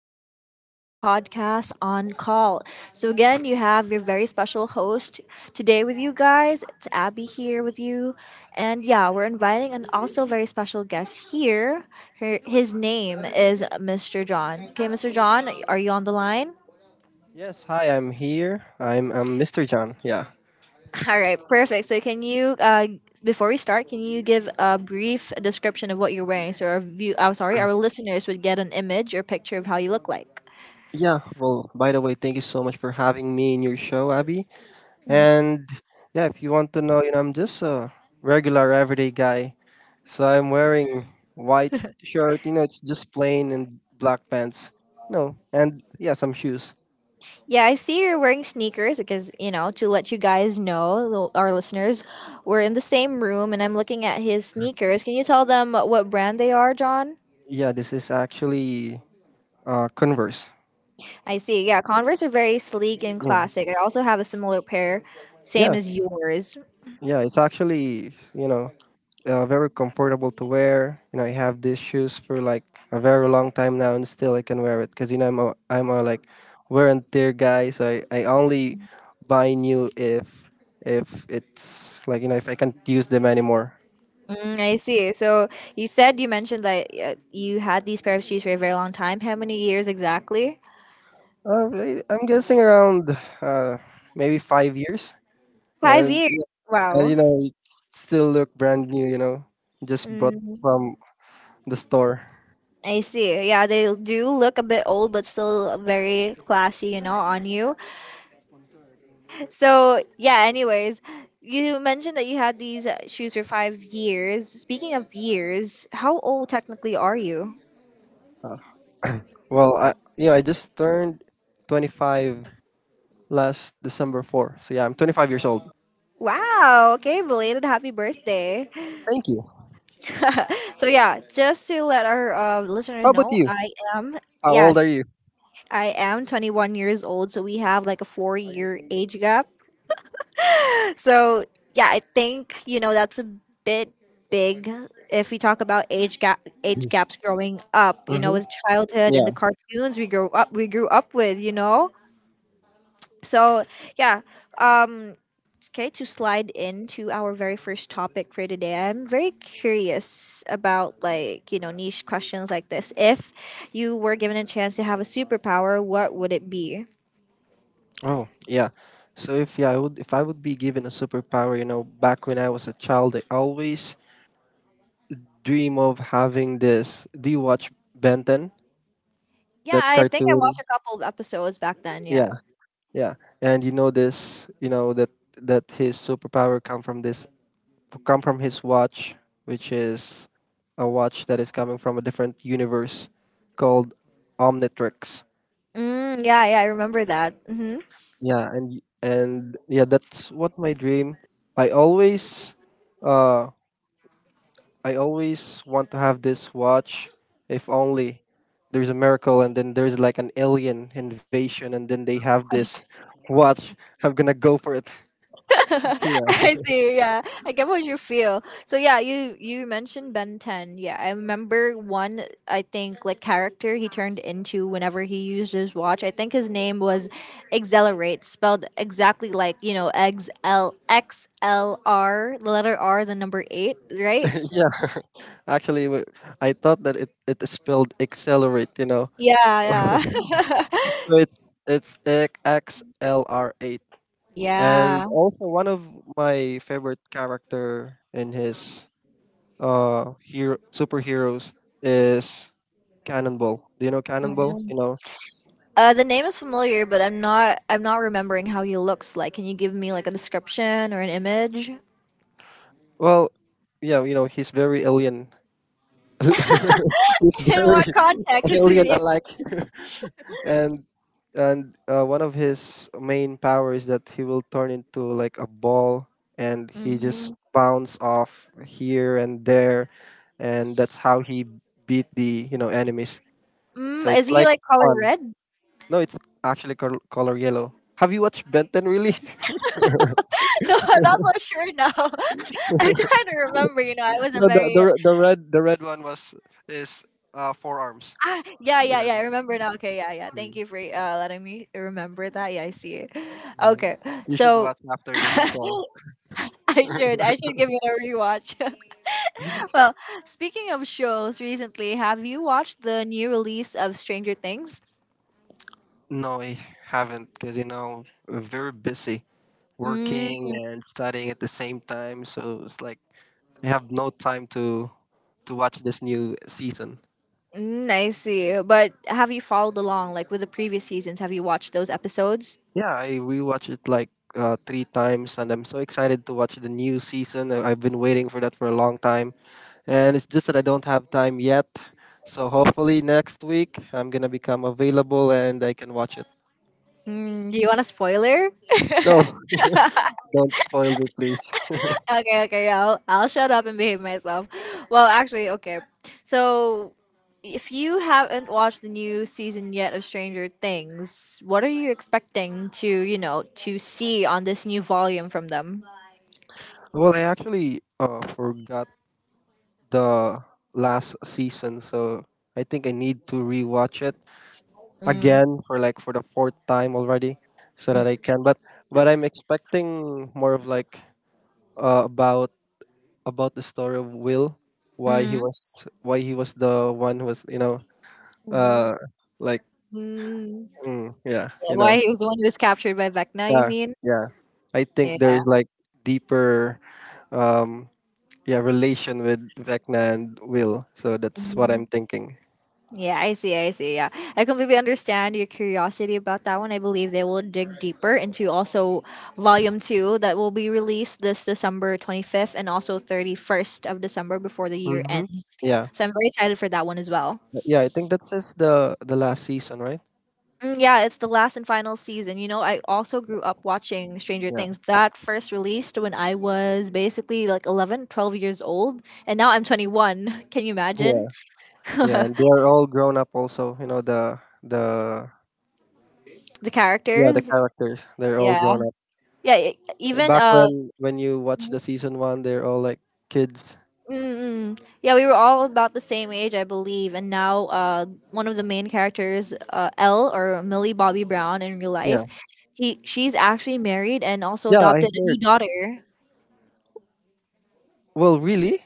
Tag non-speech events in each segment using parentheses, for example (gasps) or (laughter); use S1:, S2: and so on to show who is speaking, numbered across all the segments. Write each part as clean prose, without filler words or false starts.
S1: episode of our podcast on call. Again, you have your very special host today with you guys. It's Abby here with you. And yeah, we're inviting an also very special guest here. His name is Mr. John. Okay, Mr. John, are you on the line?
S2: Yes, hi, I'm here. I'm Mr. John. Yeah.
S1: All right, perfect. So, can you, before we start, can you give a brief description of what you're wearing so our view, I'm sorry, our listeners would get an image or picture of how you look like?
S2: Yeah, well, by the way, thank you so much for having me in your show, Abby. And yeah, if you want to know, I'm just a regular everyday guy. So I'm wearing white shirt, you know, it's just plain and black pants. No, and yeah, some shoes.
S1: Yeah, I see you're wearing sneakers because, you know, to let you guys know, our listeners, we're in the same room and I'm looking at his sneakers. Can you tell them what brand they are, John?
S2: Yeah, this is actually Converse.
S1: I see. Yeah, Converse are very sleek and
S2: Yeah.
S1: classic. I also have a similar pair, same
S2: Yeah.
S1: as yours.
S2: Yeah, it's actually, you know, very comfortable to wear. You know, I have these shoes for like a very long time now, and still I can wear it because you know I'm a like wear and tear guy. So I only buy new if it's like you know if I can't use them anymore.
S1: Mm, I see. So you mentioned that you had these pair of shoes for a very long time. How many years exactly?
S2: I'm guessing around uh, maybe 5 years,
S1: Five
S2: and
S1: years.
S2: and
S1: Wow.
S2: you know it still look brand new. You know, just brought
S1: Mm,
S2: from the store.
S1: I see. Yeah, they do look a bit old, but still very classy, you know, on you. So yeah. Anyways, you mentioned that you had these shoes for 5 years. Speaking of years, how old technically are you?
S2: Well, I I just turned 25 last December 4. So yeah, I'm 25 years old.
S1: Wow. Okay. Belated happy birthday.
S2: Thank you.
S1: (laughs) So yeah, just to let our
S2: How
S1: listeners
S2: about
S1: know,
S2: you?
S1: am
S2: How old are
S1: yes,
S2: you?
S1: I am 21 years old. So we have like a 4 year age gap. So yeah, I think you know that's a bit big. If we talk about age gaps growing up. You know,
S2: Mm-hmm.
S1: with childhood and
S2: Yeah.
S1: the cartoons we grew up with. You know, so yeah. Um, okay, to slide into our very first topic for today, I'm very curious about like you know niche questions like this. If you were given a chance to have a superpower, what would it be?
S2: Oh, yeah. So if yeah, I would if I would be given a superpower, you know, back when I was a child, I always dream of having this. Do you watch Benton?
S1: Yeah,
S2: That
S1: I think I
S2: cartoon?
S1: watched a couple of episodes back then. Yeah.
S2: Yeah, yeah. And you know this, you know that his superpower come from this come from his watch, which is a watch that is coming from a different universe called Omnitrix.
S1: Mm, yeah, yeah, I remember that. Hmm.
S2: Yeah, and yeah, that's what my dream. I always, uh, I always want to have this watch. If only there's a miracle, and then there's like an alien invasion, and then they have this watch. I'm gonna go for it.
S1: (laughs)
S2: Yeah,
S1: I see. Yeah, I get what you feel. So yeah, you mentioned Ben Ten. Yeah, I remember one. I think like character he turned into whenever he used his watch. I think his name was Accelerate, spelled exactly like you know X L R, the letter R, the number eight, right?
S2: (laughs) yeah. Actually, I thought that it spelled accelerate. You know,
S1: Yeah, yeah,
S2: so it's it's XLR8.
S1: (laughs)
S2: And
S1: yeah.
S2: also one of my favorite character in his hero superheroes is Cannonball. Do you know Cannonball?
S1: Mhm.
S2: You know.
S1: The name is familiar, but I'm not remembering how he looks like. Can you give me like a description or an image?
S2: Well, yeah, you know, he's very alien. (laughs)
S1: (laughs)
S2: He's
S1: In
S2: very
S1: what context
S2: (laughs)
S1: is
S2: alien
S1: he?
S2: alike. and and one of his main power is that he will turn into like a ball and he just
S1: Hmm.
S2: bounce off here and there and that's how he beat the you know enemies. So
S1: Mm, is
S2: it's
S1: he
S2: like
S1: like color
S2: fun.
S1: red? (laughs)
S2: No, it's actually color yellow. Have you watched Benton really? (laughs)
S1: No, I'm not so sure now. (laughs) I'm trying to remember. You know, I wasn't
S2: No,
S1: very.
S2: the red one was is forearms.
S1: Ah, yeah, yeah,
S2: Yeah,
S1: yeah. I
S2: that,
S1: remember now. Okay, yeah, yeah.
S2: mm,
S1: Thank you for letting me remember that. Yeah, I see it.
S2: mm.
S1: Okay,
S2: you should
S1: so
S2: watch after this show.
S1: (laughs) I should give it a rewatch. (laughs) Well, speaking of shows, recently, have you watched the new release of Stranger Things?
S2: No, I haven't because you know very busy working and studying at the same time. So it's like I have no time to watch this new season.
S1: Mm, I see. But have you followed along, like with the previous seasons? Have you watched those episodes?
S2: Yeah, I rewatched it like three times, and I'm so excited to watch the new season. I've been waiting for that for a long time, and it's just that I don't have time yet. So hopefully next week I'm gonna become available and I can watch it.
S1: Mm, do you want a spoiler?
S2: No, (laughs) don't spoil me, please.
S1: (laughs) Okay, okay, yeah, I'll shut up and behave myself. Well, actually, okay. So, if you haven't watched the new season yet of Stranger Things, what are you expecting to, you know, to see on this new volume from them?
S2: Well, I actually forgot the last season, so I think I need to rewatch it
S1: Mm,
S2: again for like for the fourth time already so that
S1: mm,
S2: I can, but I'm expecting more of like uh, about about the story of Will,
S1: mm,
S2: why he was the one who was
S1: mm,
S2: uh like
S1: mm.
S2: mm, yeah
S1: Yeah,
S2: you know
S1: why he was the one who was captured by Vecna, you
S2: yeah.
S1: mean?
S2: Yeah, I
S1: Yeah.
S2: think there is like deeper um yeah relation with Vecna and Will, so that's what
S1: Mm.
S2: I'm thinking.
S1: Yeah, I see, I see. Yeah, I completely understand your curiosity about that one. I believe they will dig deeper into also volume two that will be released this December 25th and also 31st of December before the year
S2: Mm-hmm.
S1: ends.
S2: Yeah,
S1: So I'm very excited for that one as well.
S2: yeah, I think that's just the last season, right?
S1: Mm, yeah, it's the last and final season. You know, I also grew up watching Stranger
S2: Yeah.
S1: Things. That first released when I was basically like 11, 12 years old, and now I'm 21. (laughs) Can you imagine? (laughs)
S2: Yeah,
S1: The
S2: and they're all grown up also, you know, the yeah, the
S1: characters?
S2: characters. They're all
S1: Yeah.
S2: grown up.
S1: Yeah, e- even
S2: Back
S1: uh
S2: when you watch the season 1, they're all like kids.
S1: Mm-mm. Yeah, we were all about the same age, I believe. And now, one of the main characters, Elle or Millie Bobby Brown in real
S2: Yeah.
S1: life, he she's actually married and also
S2: Yeah, I
S1: adopted a new
S2: heard.
S1: daughter.
S2: Well, really?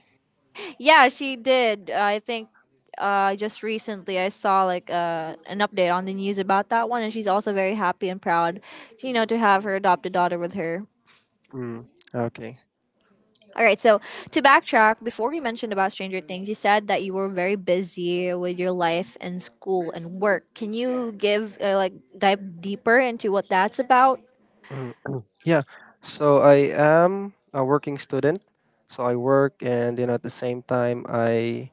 S1: Yeah, she did. I think just recently I saw like an update on the news about that one, and she's also very happy and proud, you know, to have her adopted daughter with her.
S2: Mm, okay.
S1: All right, so to backtrack, before we mentioned about Stranger Things, you said that you were very busy with your life and school and work. Can you give like dive deeper into what that's about?
S2: Mm, yeah. So I am a working student. So I work and you know at the same time I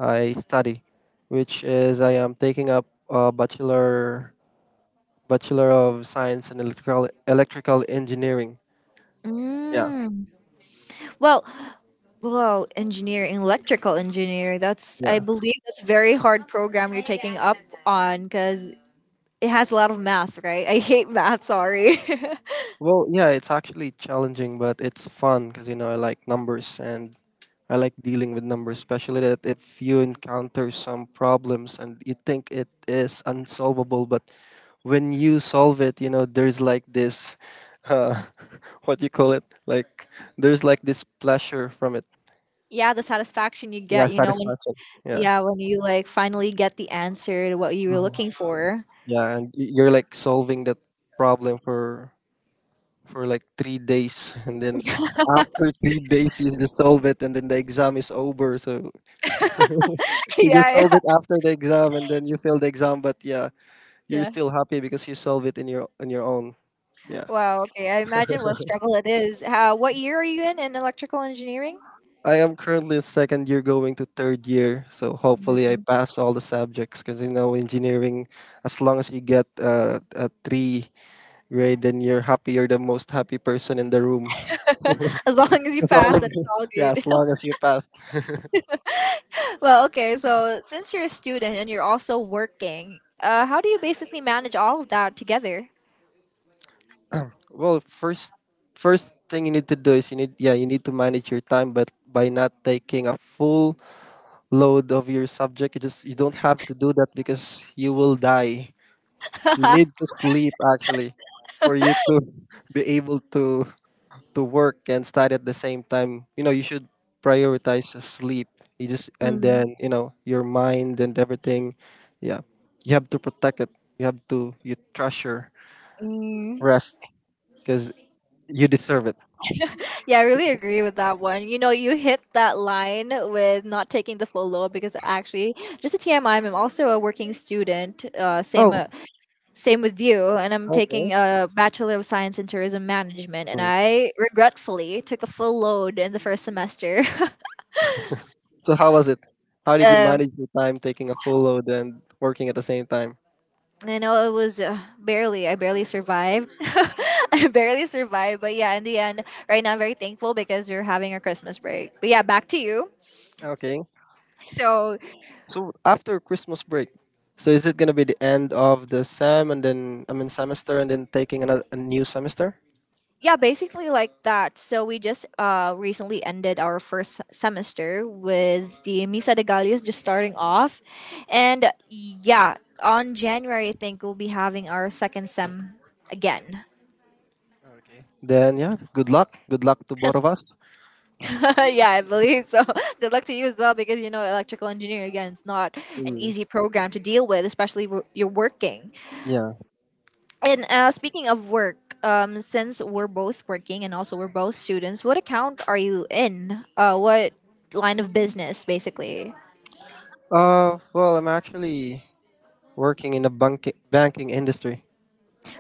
S2: I study, which is I am taking up a bachelor of science in electrical engineering. Yeah.
S1: Mm. Well, whoa, engineering, electrical engineer. That's I
S2: Yeah.
S1: believe that's very hard program you're taking up on because it has a lot of math, right? I hate math. Sorry.
S2: Well, yeah, it's actually challenging, but it's fun because you know I like numbers and I like dealing with numbers, especially that if you encounter some problems and you think it is unsolvable, but when you solve it, you know there's like this, uh, (laughs) what you call it? Like there's like this pleasure from it.
S1: (laughs) Yeah, the satisfaction you
S2: Yeah,
S1: get, you know, when
S2: satisfaction. Yeah.
S1: yeah, when you like finally get the answer to what you were
S2: Mhm.
S1: looking for.
S2: Yeah, and you're like solving that problem for like 3 days, and then (laughs) after 3 days you just solve it, and then the exam is over. So
S1: (laughs)
S2: you just
S1: Yeah,
S2: solve
S1: yeah,
S2: it after the exam, and then you fail the exam, but yeah, you're
S1: yeah.
S2: still happy because you solve it in your on your own. Yeah,
S1: Wow. Okay, I imagine what a struggle it is. How? What year are you in electrical engineering?
S2: I am currently in second year, going to third year, so hopefully
S1: Mm.
S2: I pass all the subjects. Because you know, engineering, as long as you get a three grade, then you're happy. You're the most happy person in the room.
S1: (laughs) As long as
S2: (laughs)
S1: you
S2: That's all
S1: pass, then
S2: of
S1: it's all
S2: (laughs) yeah,
S1: good.
S2: as long as you pass.
S1: (laughs) Well, okay. So since you're a student and you're also working, how do you basically manage all of that together?
S2: Well, first thing you need to do is you need to manage your time, but by not taking a full load of your subject, you just you don't have to do that because you will die. You need to
S1: (laughs)
S2: sleep actually for you to (laughs) be able to work and study at the same time. You know, you should prioritize sleep. You just and
S1: Mm.
S2: then, you know, your mind and everything. Yeah. You have to protect it. You have to you treasure
S1: Mm.
S2: rest because you deserve it.
S1: Yeah, I really agree with that one. You know, you hit that line with not taking the full load because actually, just a TMI, I'm also a working student,
S2: Oh,
S1: same with you. And I'm
S2: okay.
S1: taking a Bachelor of Science in Tourism Management, and
S2: Hmm.
S1: I regretfully took a full load in the first semester. (laughs)
S2: So how was it? How did you
S1: um,
S2: manage your time taking a full load and working at the same time?
S1: I know it was I barely survived. (laughs) I barely survived. But yeah, in the end, right now I'm very thankful because we're having a Christmas break. But yeah, back to you.
S2: Okay.
S1: So
S2: So after Christmas break, so is it gonna be the end of the sem and then I mean semester and then taking another a new semester?
S1: yeah, basically like that. So we just recently ended our first semester with the Misa de Gallos just starting off. And yeah, on January I think we'll be having our second sem again.
S2: Okay. Then yeah, good luck. Good luck to both of us.
S1: (laughs) Yeah, I believe so. (laughs) Good luck to you as well because you know electrical engineering again it's not an
S2: Mm,
S1: easy program to deal with, especially you're working.
S2: yeah.
S1: And speaking of work, since we're both working and also we're both students, what account are you in? What line of business, basically?
S2: Well, I'm actually working in the banking industry.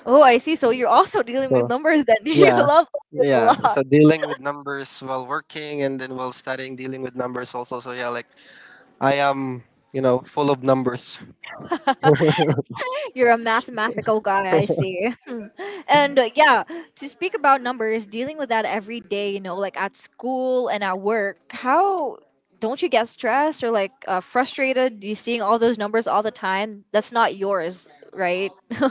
S1: Oh, I see. So you're also (laughs) dealing
S2: So
S1: with numbers then. (laughs) You
S2: yeah,
S1: love numbers a
S2: yeah.
S1: lot.
S2: So dealing with numbers while working and then while studying, dealing with numbers also. So yeah, like I am, you know, full of numbers.
S1: You're a mathematical guy, I see. Hmm. and Yeah, to speak about numbers, dealing with that every day, you know, like at school and at work, how don't you get stressed or like frustrated? You seeing all those numbers all the time. That's not yours, right? (laughs)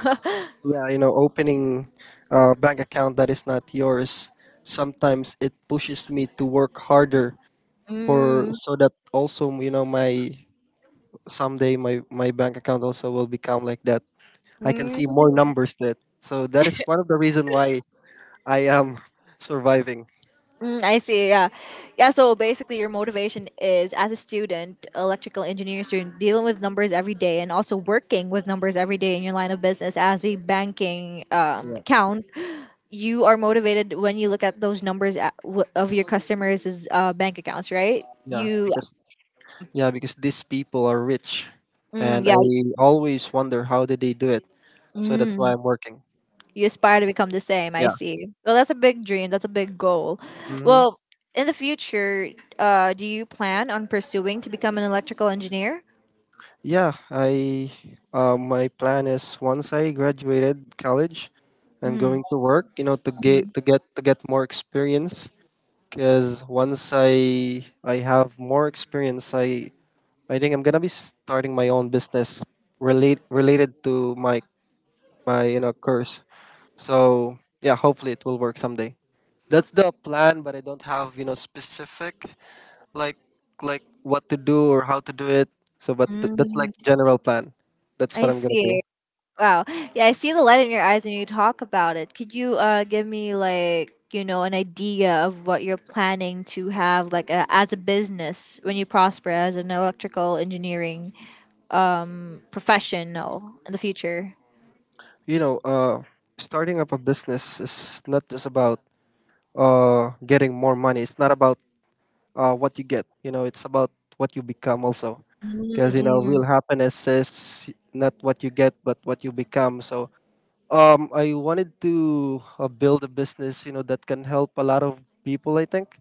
S2: Yeah, you know, opening a bank account that is not yours, sometimes it pushes me to work harder for
S1: Mm,
S2: so that also, you know, my someday my bank account also will become like that. I can see more
S1: mm,
S2: numbers that. So that is one of the reason why I am (laughs) surviving.
S1: mm, I see. Yeah, yeah. So basically, your motivation is as a student, electrical engineering student, dealing with numbers every day, and also working with numbers every day in your line of business as a banking
S2: Yeah,
S1: account. You are motivated when you look at those numbers at, of your customers' bank accounts, right?
S2: yeah,
S1: You,
S2: because yeah, because these people are rich
S1: mm,
S2: and I
S1: yeah.
S2: always wonder how did they do it. So that's why
S1: Mm.
S2: I'm working.
S1: You aspire to become the same. I
S2: Yeah.
S1: see. Well, that's a big dream. That's a big goal.
S2: Mhm.
S1: Well, in the future, do you plan on pursuing to become an electrical engineer?
S2: Yeah, I my plan is once I graduated college, I'm
S1: Mm-hmm.
S2: going to work, you know, to get more experience because once I have more experience, I think I'm going to be starting my own business related to my you know course. So, yeah, hopefully it will work someday. That's the plan, but I don't have, you know, specific like like what to do or how to do it. So, but that's like
S1: Mm,
S2: general plan. That's
S1: I
S2: what I'm gonna
S1: see.
S2: do.
S1: Wow. Yeah, I see the light in your eyes when you talk about it. Could you give me like, you know, an idea of what you're planning to have like as a business when you prosper as an electrical engineering professional in the future?
S2: You know, starting up a business is not just about getting more money. It's not about what you get. You know, it's about what you become also. Because you know,
S1: Mm-mm.
S2: real happiness is not what you get, but what you become. So, I wanted to build a business. You know, that can help a lot of people. I think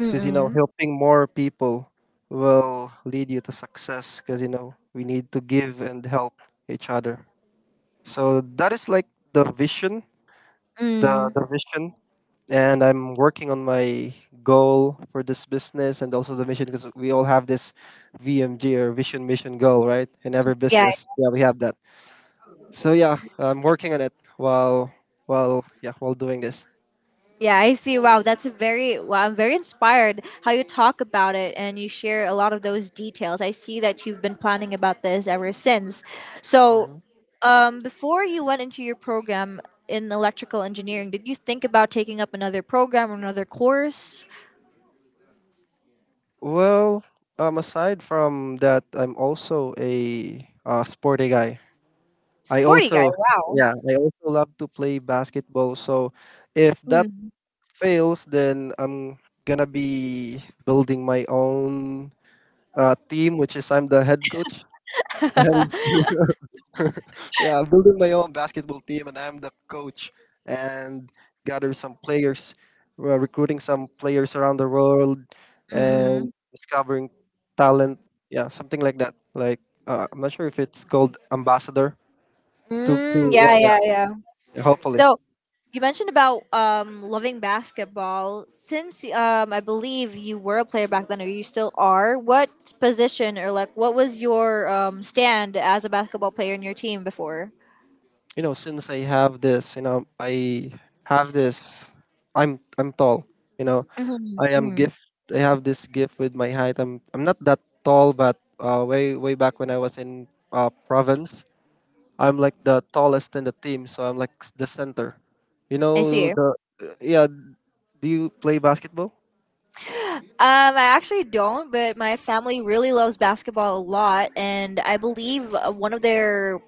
S2: because you know helping more people will lead you to success because you know we need to give and help each other. So that is like the vision the,
S1: Mm.
S2: vision, and I'm working on my goal for this business and also the mission, because we all have this VMG, or vision mission goal, right, in every
S1: Yeah,
S2: business. Yeah, we have that. So yeah, I'm working on it while doing this.
S1: yeah, I see. Wow, that's a very wow, I'm very inspired how you talk about it and you share a lot of those details. I see that you've been planning about this ever since. So, before you went into your program in electrical engineering, did you think about taking up another program or another course?
S2: Well, aside from that, I'm also a sporty guy. I
S1: Sporty guy,
S2: also,
S1: wow.
S2: yeah, I also love to play basketball. So if that
S1: Mm.
S2: fails, then I'm gonna be building my own team, which is I'm the head coach. (laughs) And
S1: (laughs)
S2: yeah, I'm building my own basketball team, and I'm the coach. And gather some players, recruiting some players around the world, and
S1: Mm,
S2: discovering talent. Yeah, something like that. Like I'm not sure if it's called ambassador. To
S1: mm,
S2: yeah,
S1: yeah,
S2: yeah,
S1: yeah, yeah.
S2: yeah, hopefully.
S1: So, you mentioned about loving basketball. Since I believe you were a player back then, or you still are, what position or like what was your stand as a basketball player in your team before?
S2: You know, since I have this, you know, I have this. I'm tall. You know,
S1: Mhm,
S2: I am
S1: mm.
S2: gift. I have this gift with my height. I'm not that tall, but way back when I was in province, I'm like the tallest in the team, so I'm like the center. You
S1: I
S2: know
S1: see.
S2: the yeah. Do you play basketball?
S1: I actually don't, but my family really loves basketball a lot, and I believe one of their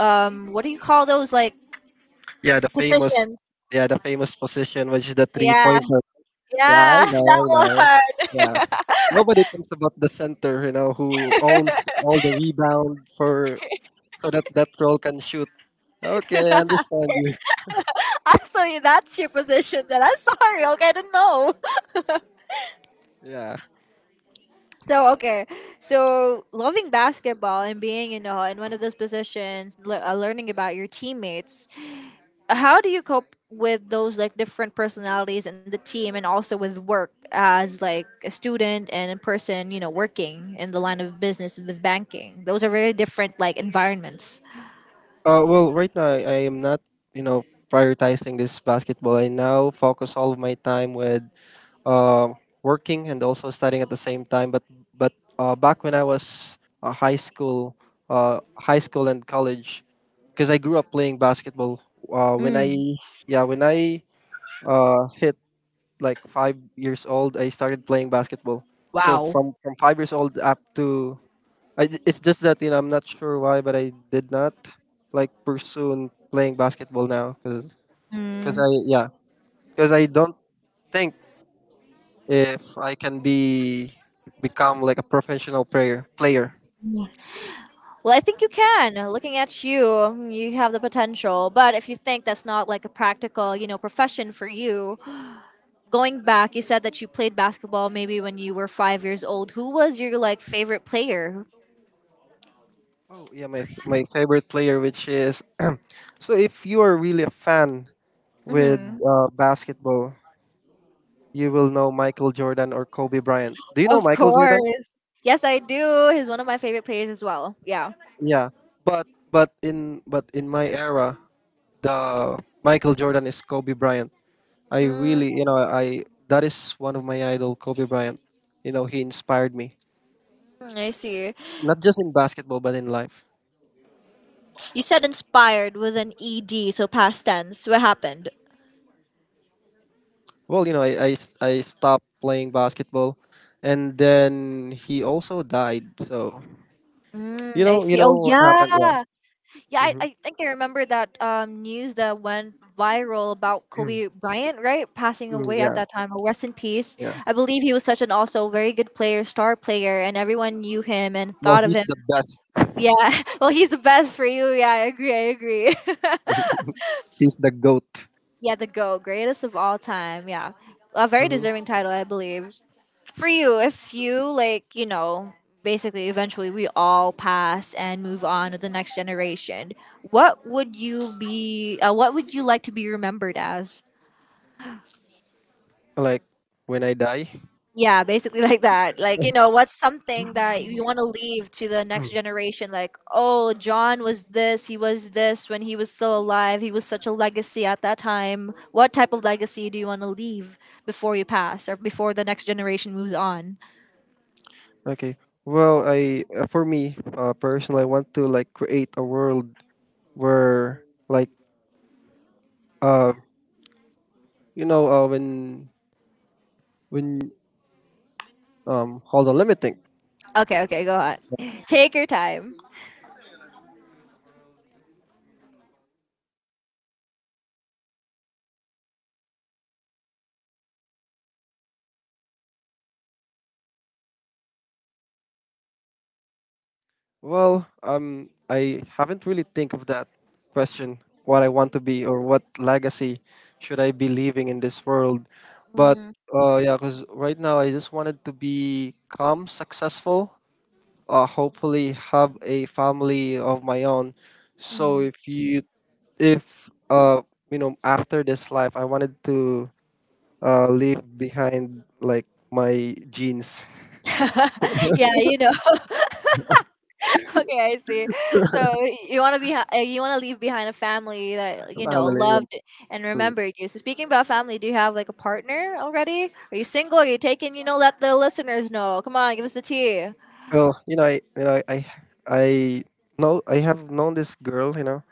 S1: what do you call those like
S2: Yeah, the famous
S1: positions?
S2: yeah, the famous position, which is the three
S1: Yeah,
S2: pointer. Yeah, I
S1: yeah, (laughs)
S2: know,
S1: that
S2: I know. Yeah,
S1: one.
S2: nobody thinks about the center. You know who owns all the rebound for so that role can shoot. Okay, I understand you.
S1: (laughs) So that's your position. Then I'm sorry. Okay, I didn't know.
S2: Yeah.
S1: So okay, so loving basketball and being you know in one of those positions, learning about your teammates. How do you cope with those like different personalities in the team, and also with work as like a student and in person, working in the line of business with banking? Those are very different like environments.
S2: Well, right now I am not, you know, prioritizing this basketball. I now focus all of my time with uh, working and also studying at the same time. But back when I was high school and college, because I grew up playing basketball. Uh, when I
S1: Mm,
S2: yeah when I hit like 5 years old, I started playing basketball. So
S1: wow.
S2: from 5 years old up to it's just that you know I'm not sure why, but I did not like pursue playing basketball now because
S1: Mm.
S2: I yeah because I don't think if I can be become like a professional player.
S1: Well, I think you can. Looking at you, you have the potential. But if you think that's not like a practical, profession for you, going back, you said that you played basketball maybe when you were 5 years old. Who was your like favorite player?
S2: Oh yeah, my favorite player, which is (clears throat) so if you are really a fan with
S1: Hmm.
S2: basketball, you will know Michael Jordan or Kobe Bryant. Do you know
S1: Of
S2: Michael Jordan?
S1: course. Yes, I do. He's one of my favorite players as well. Yeah.
S2: Yeah, but in my era, the Michael Jordan is Kobe Bryant. I
S1: Mm,
S2: really you know I that is one of my idol, Kobe Bryant. You know he inspired me
S1: I see.
S2: not just in basketball but in life.
S1: You said inspired with an ed, so past tense. What happened?
S2: Well, you know, I stopped playing basketball, and then he also died. So
S1: Mm, I
S2: you
S1: see. Oh
S2: know what happened?
S1: yeah.
S2: Yeah.
S1: Yeah, I,
S2: hmm
S1: I think I remember that news that went viral about Kobe
S2: (clears throat)
S1: Bryant, right? Passing away at
S2: yeah.
S1: that time. Oh, rest in peace.
S2: Yeah.
S1: I believe he was such an also very good player, star player, and everyone knew him and
S2: Well,
S1: thought of
S2: he's
S1: him.
S2: the best.
S1: Yeah, (laughs) well, he's the best for you. Yeah, I agree. I agree.
S2: He's the goat.
S1: (laughs) Yeah, the GO, greatest of all time. Yeah, a very
S2: hmm
S1: deserving title, I believe. For you, if you like, basically eventually we all pass and move on to the next generation, what would you be what would you like to be remembered as?
S2: Like when I die.
S1: Yeah, basically (laughs) like that. Like, what's something that you want to leave to the next
S2: (clears throat)
S1: generation? Like, oh, John was this, he was this when he was still alive. He was such a legacy at that time. What type of legacy do you want to leave before you pass or before the next generation moves on?
S2: Okay. Well, I for me, personally, I want to like create a world where like uh you know uh when when hold on, let me think.
S1: Okay, okay, go on. Take your time.
S2: Well, I haven't really think of that question. What I want to be or what legacy should I be leaving in this world? But
S1: Mm,
S2: yeah, because right now I just wanted to become successful. Hopefully have a family of my own. So
S1: mm.
S2: if you know, after this life, I wanted to leave behind like my genes,
S1: (laughs) Yeah, (laughs) Okay, I see. So you want to be, you want to leave behind a family that like,
S2: family.
S1: loved and remembered you. So speaking about family, do you have like a partner already? Are you single? Are you taken? You know, let the listeners know. Come on, give us the tea.
S2: Well, you know, I know, I have known this girl, you know.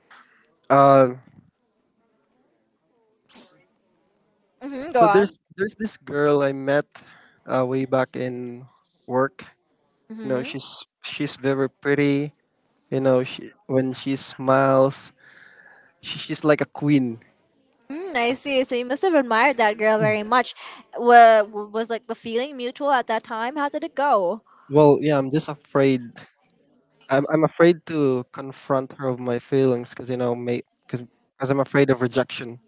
S2: Uh,
S1: Mm-hmm, go
S2: so
S1: on.
S2: there's this girl I met way back in work. You know,
S1: Mm-hmm.
S2: she's very pretty. You know, she when she smiles, she's like a queen.
S1: Mm, I see. So you must have admired that girl very much. Was like the feeling mutual at that time? How did it go?
S2: Well, yeah, I'm just afraid. I'm afraid to confront her of my feelings because you know, may because I'm afraid of rejection.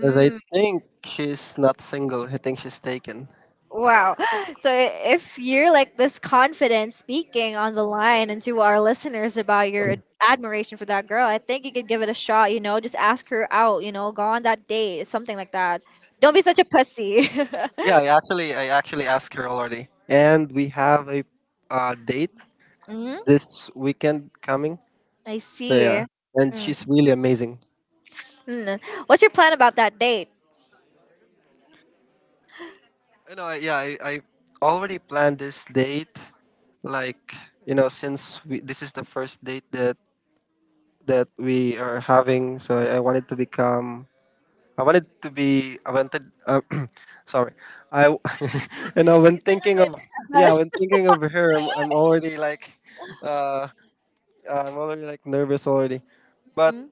S2: Because I think she's not single. I think she's taken.
S1: Wow. (laughs) So if you're like this confident speaking on the line and to our listeners about your admiration for that girl, I think you could give it a shot, just ask her out, go on that date, something like that. Don't be such a pussy.
S2: Yeah,
S1: (laughs)
S2: I actually asked her already, and we have a date
S1: Hmm.
S2: this weekend coming.
S1: I
S2: So yeah,
S1: see.
S2: and
S1: Mm.
S2: she's really amazing.
S1: Mm. What's your plan about that date?
S2: You know, I already planned this date. Like you know, this is the first date that we are having, so I, wanted to become. I wanted to be. I wanted. (clears throat) Sorry, I. w- (laughs) you know, when thinking of yeah, when
S1: (laughs)
S2: thinking of her, I'm already Uh, I'm already like nervous already. But
S1: Mm,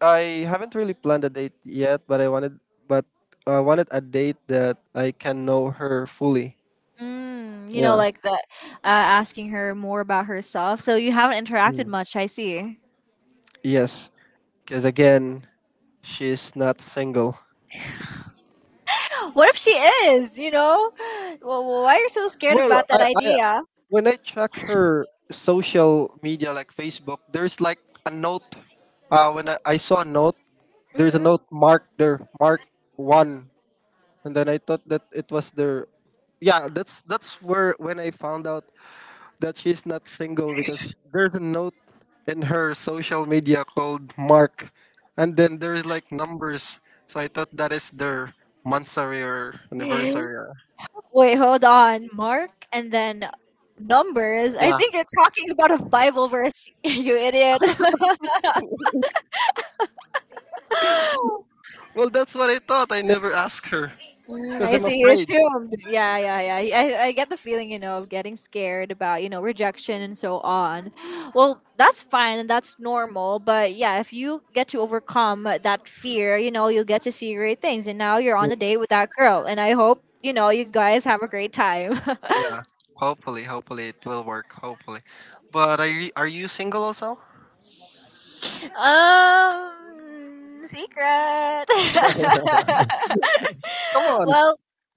S2: I haven't really planned a date yet. But I wanted a date that I can know her fully.
S1: mm, you know,
S2: Yeah.
S1: like the asking her more about herself. So you haven't interacted
S2: Mm.
S1: much, I see.
S2: Yes, because again, she's not single.
S1: What if she is? You know, well, well, why are you so scared
S2: Well,
S1: about that
S2: I
S1: idea?
S2: when I check her social media like Facebook, there's like a note. I saw a note, there's a
S1: Hmm.
S2: note marked there, mark one, and then I thought that it was there. Yeah, that's where when I found out that she's not single because there's a note in her social media called Mark, and then there's like numbers. So I thought that is their monthsary or anniversary.
S1: (gasps) Wait, hold on. Mark and then numbers. I
S2: Yeah.
S1: think you're talking about a Bible verse, (laughs) you idiot. (laughs)
S2: Well, that's what I thought. I never asked her
S1: Mm,
S2: because
S1: I
S2: I'm
S1: see. You
S2: afraid.
S1: assumed. Yeah, yeah, yeah. I get the feeling, of getting scared about, rejection and so on. Well, that's fine and that's normal. But yeah, if you get to overcome that fear, you'll get to see great things. And now you're on a date with that girl. And I hope, you guys have a great time. (laughs)
S2: Yeah. Hopefully it will work. Hopefully. But are you single also?
S1: Secret. (laughs)
S2: Come on.
S1: Well,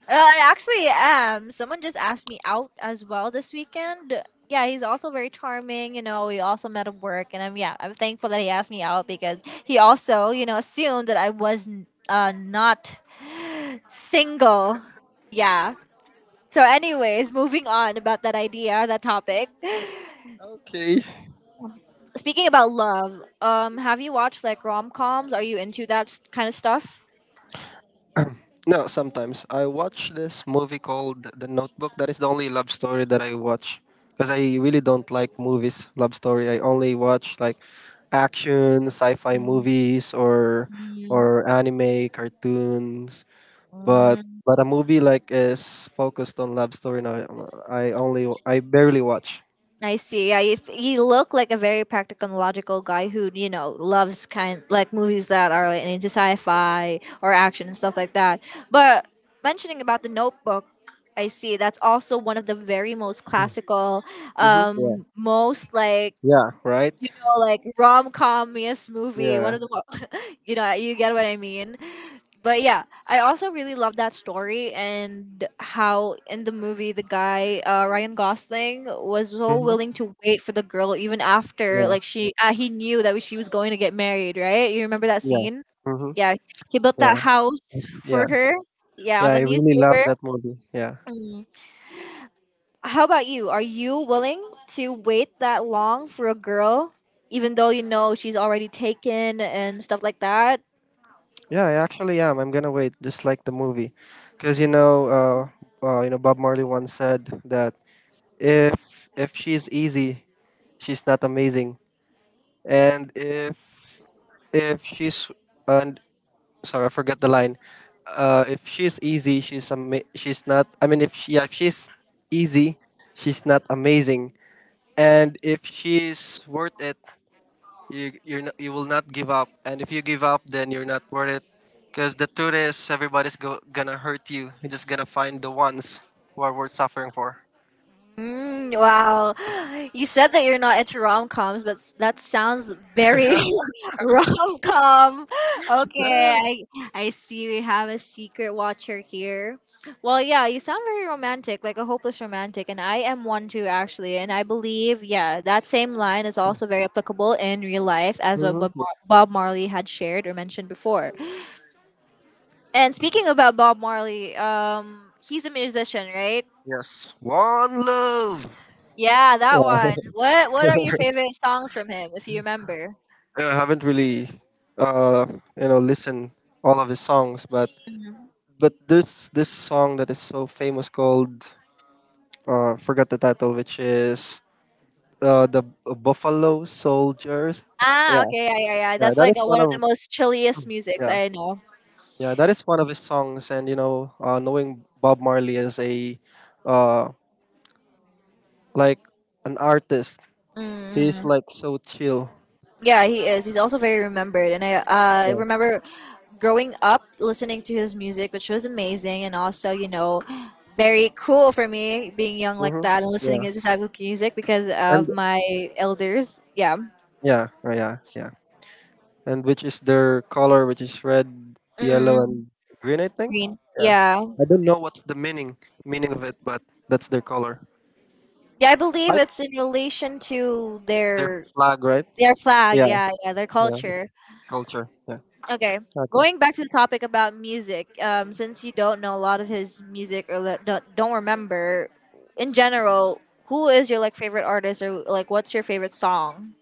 S1: I actually am. Someone just asked me out as well this weekend. Yeah, he's also very charming. We also met at work, and I'm yeah, I'm thankful that he asked me out because he also, assumed that I was not single. Yeah. So, anyways, moving on about that idea, that topic.
S2: Okay.
S1: Speaking about love, have you watched like rom coms? Are you into that kind of stuff?
S2: No, sometimes I watch this movie called The Notebook. That is the only love story that I watch because I really don't like movies. Love story. I only watch like action, sci-fi
S1: Mhm.
S2: movies, or anime cartoons. But
S1: Mm,
S2: but a movie like is focused on love story. Now I barely watch.
S1: I see. Yeah, you look like a very practical and logical guy who, loves kind like movies that are like, into sci-fi or action and stuff like that. But mentioning about The Notebook, I see that's also one of the very most
S2: (clears throat)
S1: classical,
S2: Mm-hmm. Yeah.
S1: most like
S2: Yeah. Right.
S1: rom comiest movie.
S2: Yeah.
S1: One of the, mo- (laughs) you know, you get what I mean. But yeah, I also really love that story and how in the movie the guy Ryan Gosling was so
S2: Mm-hmm.
S1: willing to wait for the girl even after
S2: Yeah.
S1: like she he knew that she was going to get married, right? You remember that
S2: Yeah.
S1: scene?
S2: Mm-hmm.
S1: Yeah, he built that
S2: Yeah.
S1: house for
S2: Yeah.
S1: her. Yeah,
S2: Yeah.
S1: on the
S2: I really love
S1: newspaper.
S2: that movie. Yeah.
S1: How about you? Are you willing to wait that long for a girl, even though you know she's already taken and stuff like that?
S2: Yeah, I actually am. I'm gonna wait, just like the movie, because you know, Bob Marley once said that if she's easy, she's not amazing, and if she's and sorry, I forgot the line. If she's easy, she's ama- she's not. I mean, if she yeah, If she's easy, she's not amazing, and if she's worth it, you're not, you will not give up. And if you give up, then you're not worth it, because the truth is gonna hurt you. You're just gonna find the ones who are worth suffering for.
S1: Mm, wow. You said that you're not into rom coms, but that sounds very (laughs) rom com. Okay,
S2: Yeah.
S1: I see we have a secret watcher here. Well, yeah, you sound very romantic, like a hopeless romantic, and I am one too, actually. And I believe, yeah, that same line is also very applicable in real life, as what
S2: Mhm.
S1: Bob Marley had shared or mentioned before. And speaking about Bob Marley, he's a musician, right?
S2: Yes, one love.
S1: Yeah, that one.
S2: Yeah.
S1: What are your favorite songs from him, if you remember?
S2: I haven't really uh you know listened all of his songs, but
S1: Mhm.
S2: there's this song that is so famous called forgot the title, which is the Buffalo Soldiers. yeah
S1: Ah, okay, yeah, yeah, yeah.
S2: yeah
S1: That's
S2: that
S1: like
S2: is one
S1: one of the
S2: of
S1: most chilliest musics
S2: yeah
S1: I know.
S2: Yeah, that is one of his songs, and you know, knowing Bob Marley as a, uh, like an artist, he's
S1: Mm-mm.
S2: like so chill.
S1: Yeah, he is. He's also very remembered, and I
S2: Yeah.
S1: remember growing up listening to his music, which was amazing, and also (gasps) very cool for me being young like
S2: Mm-hmm.
S1: that and listening
S2: Yeah.
S1: to this type of music because
S2: And
S1: of my elders. Yeah.
S2: yeah. And which is their color, which is red, yellow,
S1: Mm-mm.
S2: and green, I think.
S1: Green.
S2: Yeah.
S1: Yeah.
S2: I don't know what's the meaning of it, but that's their color.
S1: Yeah, I believe
S2: Like
S1: it's in relation to
S2: their flag, right?
S1: their flag,
S2: Yeah.
S1: yeah, yeah, their
S2: Yeah.
S1: culture.
S2: Culture. Yeah.
S1: Okay,
S2: Okay.
S1: going back to the topic about music. Since you don't know a lot of his music or don't remember, in general, who is your like favorite artist or like what's your favorite song?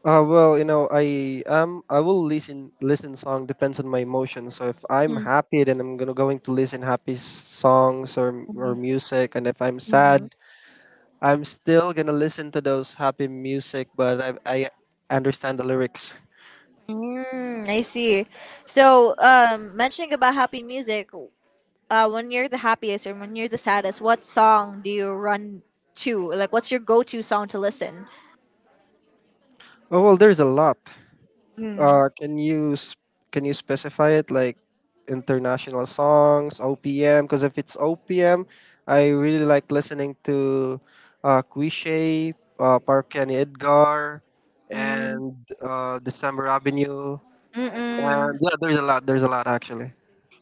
S2: You know, I am. I will listen. Listen song depends on my emotion. So if I'm
S1: Mm-hmm.
S2: happy, then I'm gonna going to listen happy songs or or music. And if I'm sad, I'm still gonna listen to those happy music. But I understand the lyrics.
S1: Mm, I see. So, mentioning about happy music, when you're the happiest or when you're the saddest, what song do you run to? Like, what's your go-to song to listen?
S2: Oh well, there's a lot.
S1: Mm.
S2: Uh, can you s- can you specify it like international songs, OPM? Because if it's OPM, I really like listening to Cuiche, Parkani Edgar,
S1: Mm.
S2: and December Avenue. And
S1: Mm-mm.
S2: yeah, there's a lot. There's a lot actually.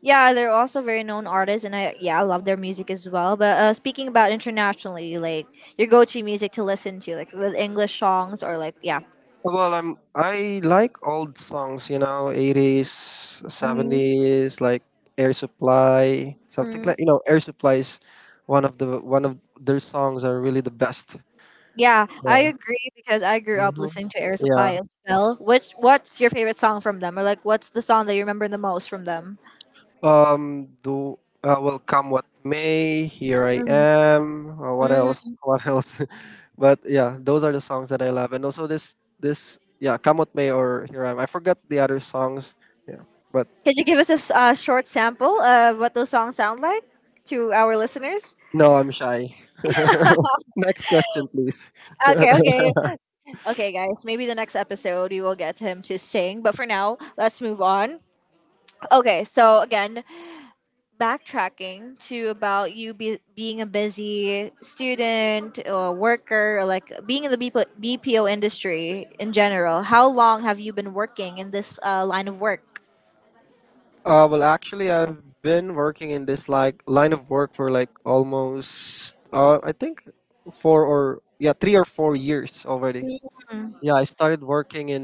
S1: Yeah, they're also very known artists, and I yeah I love their music as well. But speaking about internationally, like your go-to music to listen to, like with English songs or like yeah,
S2: Well, I like old songs, you know, eighties,
S1: mm
S2: seventies, like Air Supply, something
S1: mm.
S2: like you know, Air Supply is one of the one of their songs are really the best.
S1: Yeah, I
S2: Yeah.
S1: agree because I grew up
S2: hmm
S1: listening to Air Supply
S2: Yeah.
S1: as well. Which what's your favorite song from them, or like what's the song that you remember the most from them?
S2: Um. Do Will come what may. Here I
S1: Mm.
S2: am. What
S1: Mm.
S2: else? (laughs) What else? (laughs) But yeah, those are the songs that I love, and also this yeah, come what may or here I am. I forgot the other songs. Yeah. But
S1: Could you give us a short sample of what those songs sound like to our listeners?
S2: no, I'm shy. (laughs) Next question, please.
S1: Okay,
S2: (laughs)
S1: okay. Okay, guys, maybe the next episode we will get him to sing. But for now, let's move on. Okay, so again, backtracking to about you being a busy student or worker, or like being in the BP BPO industry in general. How long have you been working in this line of work?
S2: Actually, I've been working in this like line of work for like almost I think 3 or 4 years already. Yeah, I started working in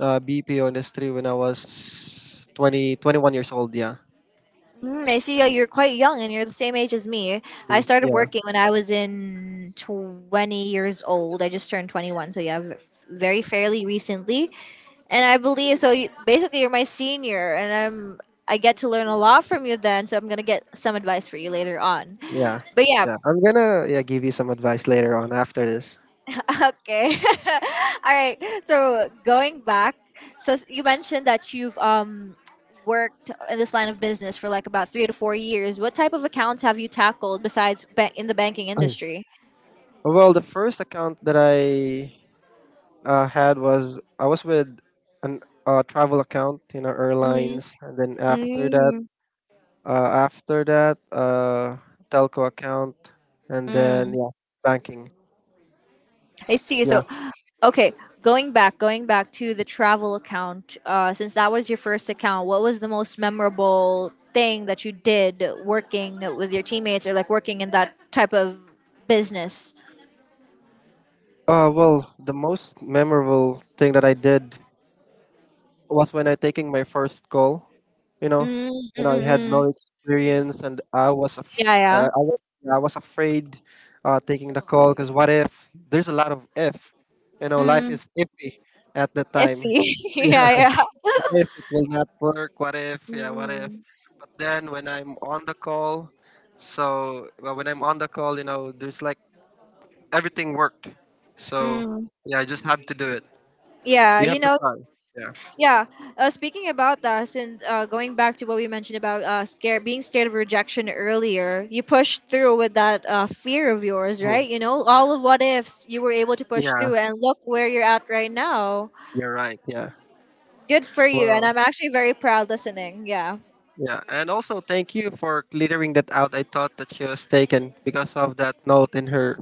S2: BPO industry when I was 20, 21 years old. Yeah.
S1: Mm, I see you're quite young and you're the same age as me. I
S2: Mm,
S1: started
S2: yeah.
S1: working when I was in 20 years old. I just turned 21, so yeah, very fairly recently. And I believe so. You, basically, you're my senior, and I'm I get to learn a lot from you then. So I'm gonna get some advice for you later on.
S2: Yeah.
S1: But yeah,
S2: Yeah. I'm gonna give you some advice later on after this.
S1: (laughs) okay, (laughs) all right. So going back, so you mentioned that you've worked in this line of business for like about 3 to 4 years. What type of accounts have you tackled besides in the banking
S2: (clears throat)
S1: industry?
S2: Well, the first account that I had was I was with an travel account, you know, airlines, and then after that,
S1: Mm-hmm.
S2: uh, after that, uh, telco account, and then yeah, banking.
S1: I see.
S2: Yeah.
S1: So, okay, going back to the travel account, since that was your first account, what was the most memorable thing that you did working with your teammates or like working in that type of business?
S2: The most memorable thing that I did was when I taking my first call. You know,
S1: Mm,
S2: you
S1: mm,
S2: know, I had
S1: mm,
S2: no
S1: mm.
S2: experience, and I was, af-
S1: Yeah, yeah.
S2: I, was yeah, I was afraid taking the call because what if? There's a lot of if. You know, life
S1: Mm,
S2: is iffy at the time.
S1: iffy. (laughs) Yeah, yeah.
S2: What if it will not work? What if? Yeah, what if?
S1: Mm,
S2: But then when I'm on the call, when I'm on the call, you know, there's like everything worked. So
S1: mm.
S2: yeah, I just have to do it.
S1: Yeah,
S2: You have to try. Yeah.
S1: Yeah. Speaking about that, and going back to what we mentioned about scare being scared of rejection earlier, you pushed through with that fear of yours,
S2: Mhm.
S1: right? You know, all of what ifs you were able to push
S2: Yeah,
S1: through, and look where you're at right now.
S2: you're right. Yeah.
S1: Good for you, and
S2: Wow.
S1: I'm actually very proud listening. Yeah. (laughs)
S2: Yeah, and also thank you for clearing that out. I thought that she was taken because of that note in her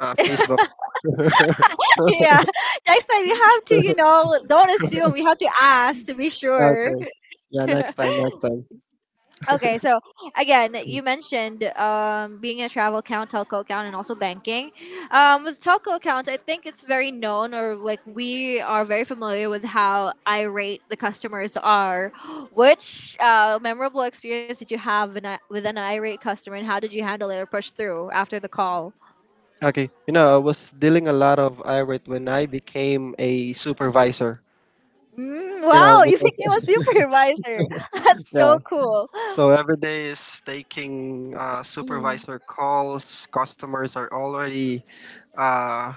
S2: Facebook.
S1: Yeah. Next time you have to, don't assume. You have to ask to be sure.
S2: Okay. Yeah, next time, next time.
S1: Okay, so again, you mentioned being a travel account, telco account, and also banking. With telco accounts, I think it's very known, or like we are very familiar with how irate the customers are. Which memorable experience did you have in a, with an irate customer, and how did you handle it or push through after the call?
S2: Okay. You know, I was dealing a lot of irate when I became a supervisor.
S1: Mm,
S2: You know,
S1: wow, (laughs) you became a
S2: because
S1: supervisor. (laughs) That's
S2: (laughs) yeah.
S1: so cool.
S2: So every day is taking
S1: Mm,
S2: supervisor calls. Customers are already uh,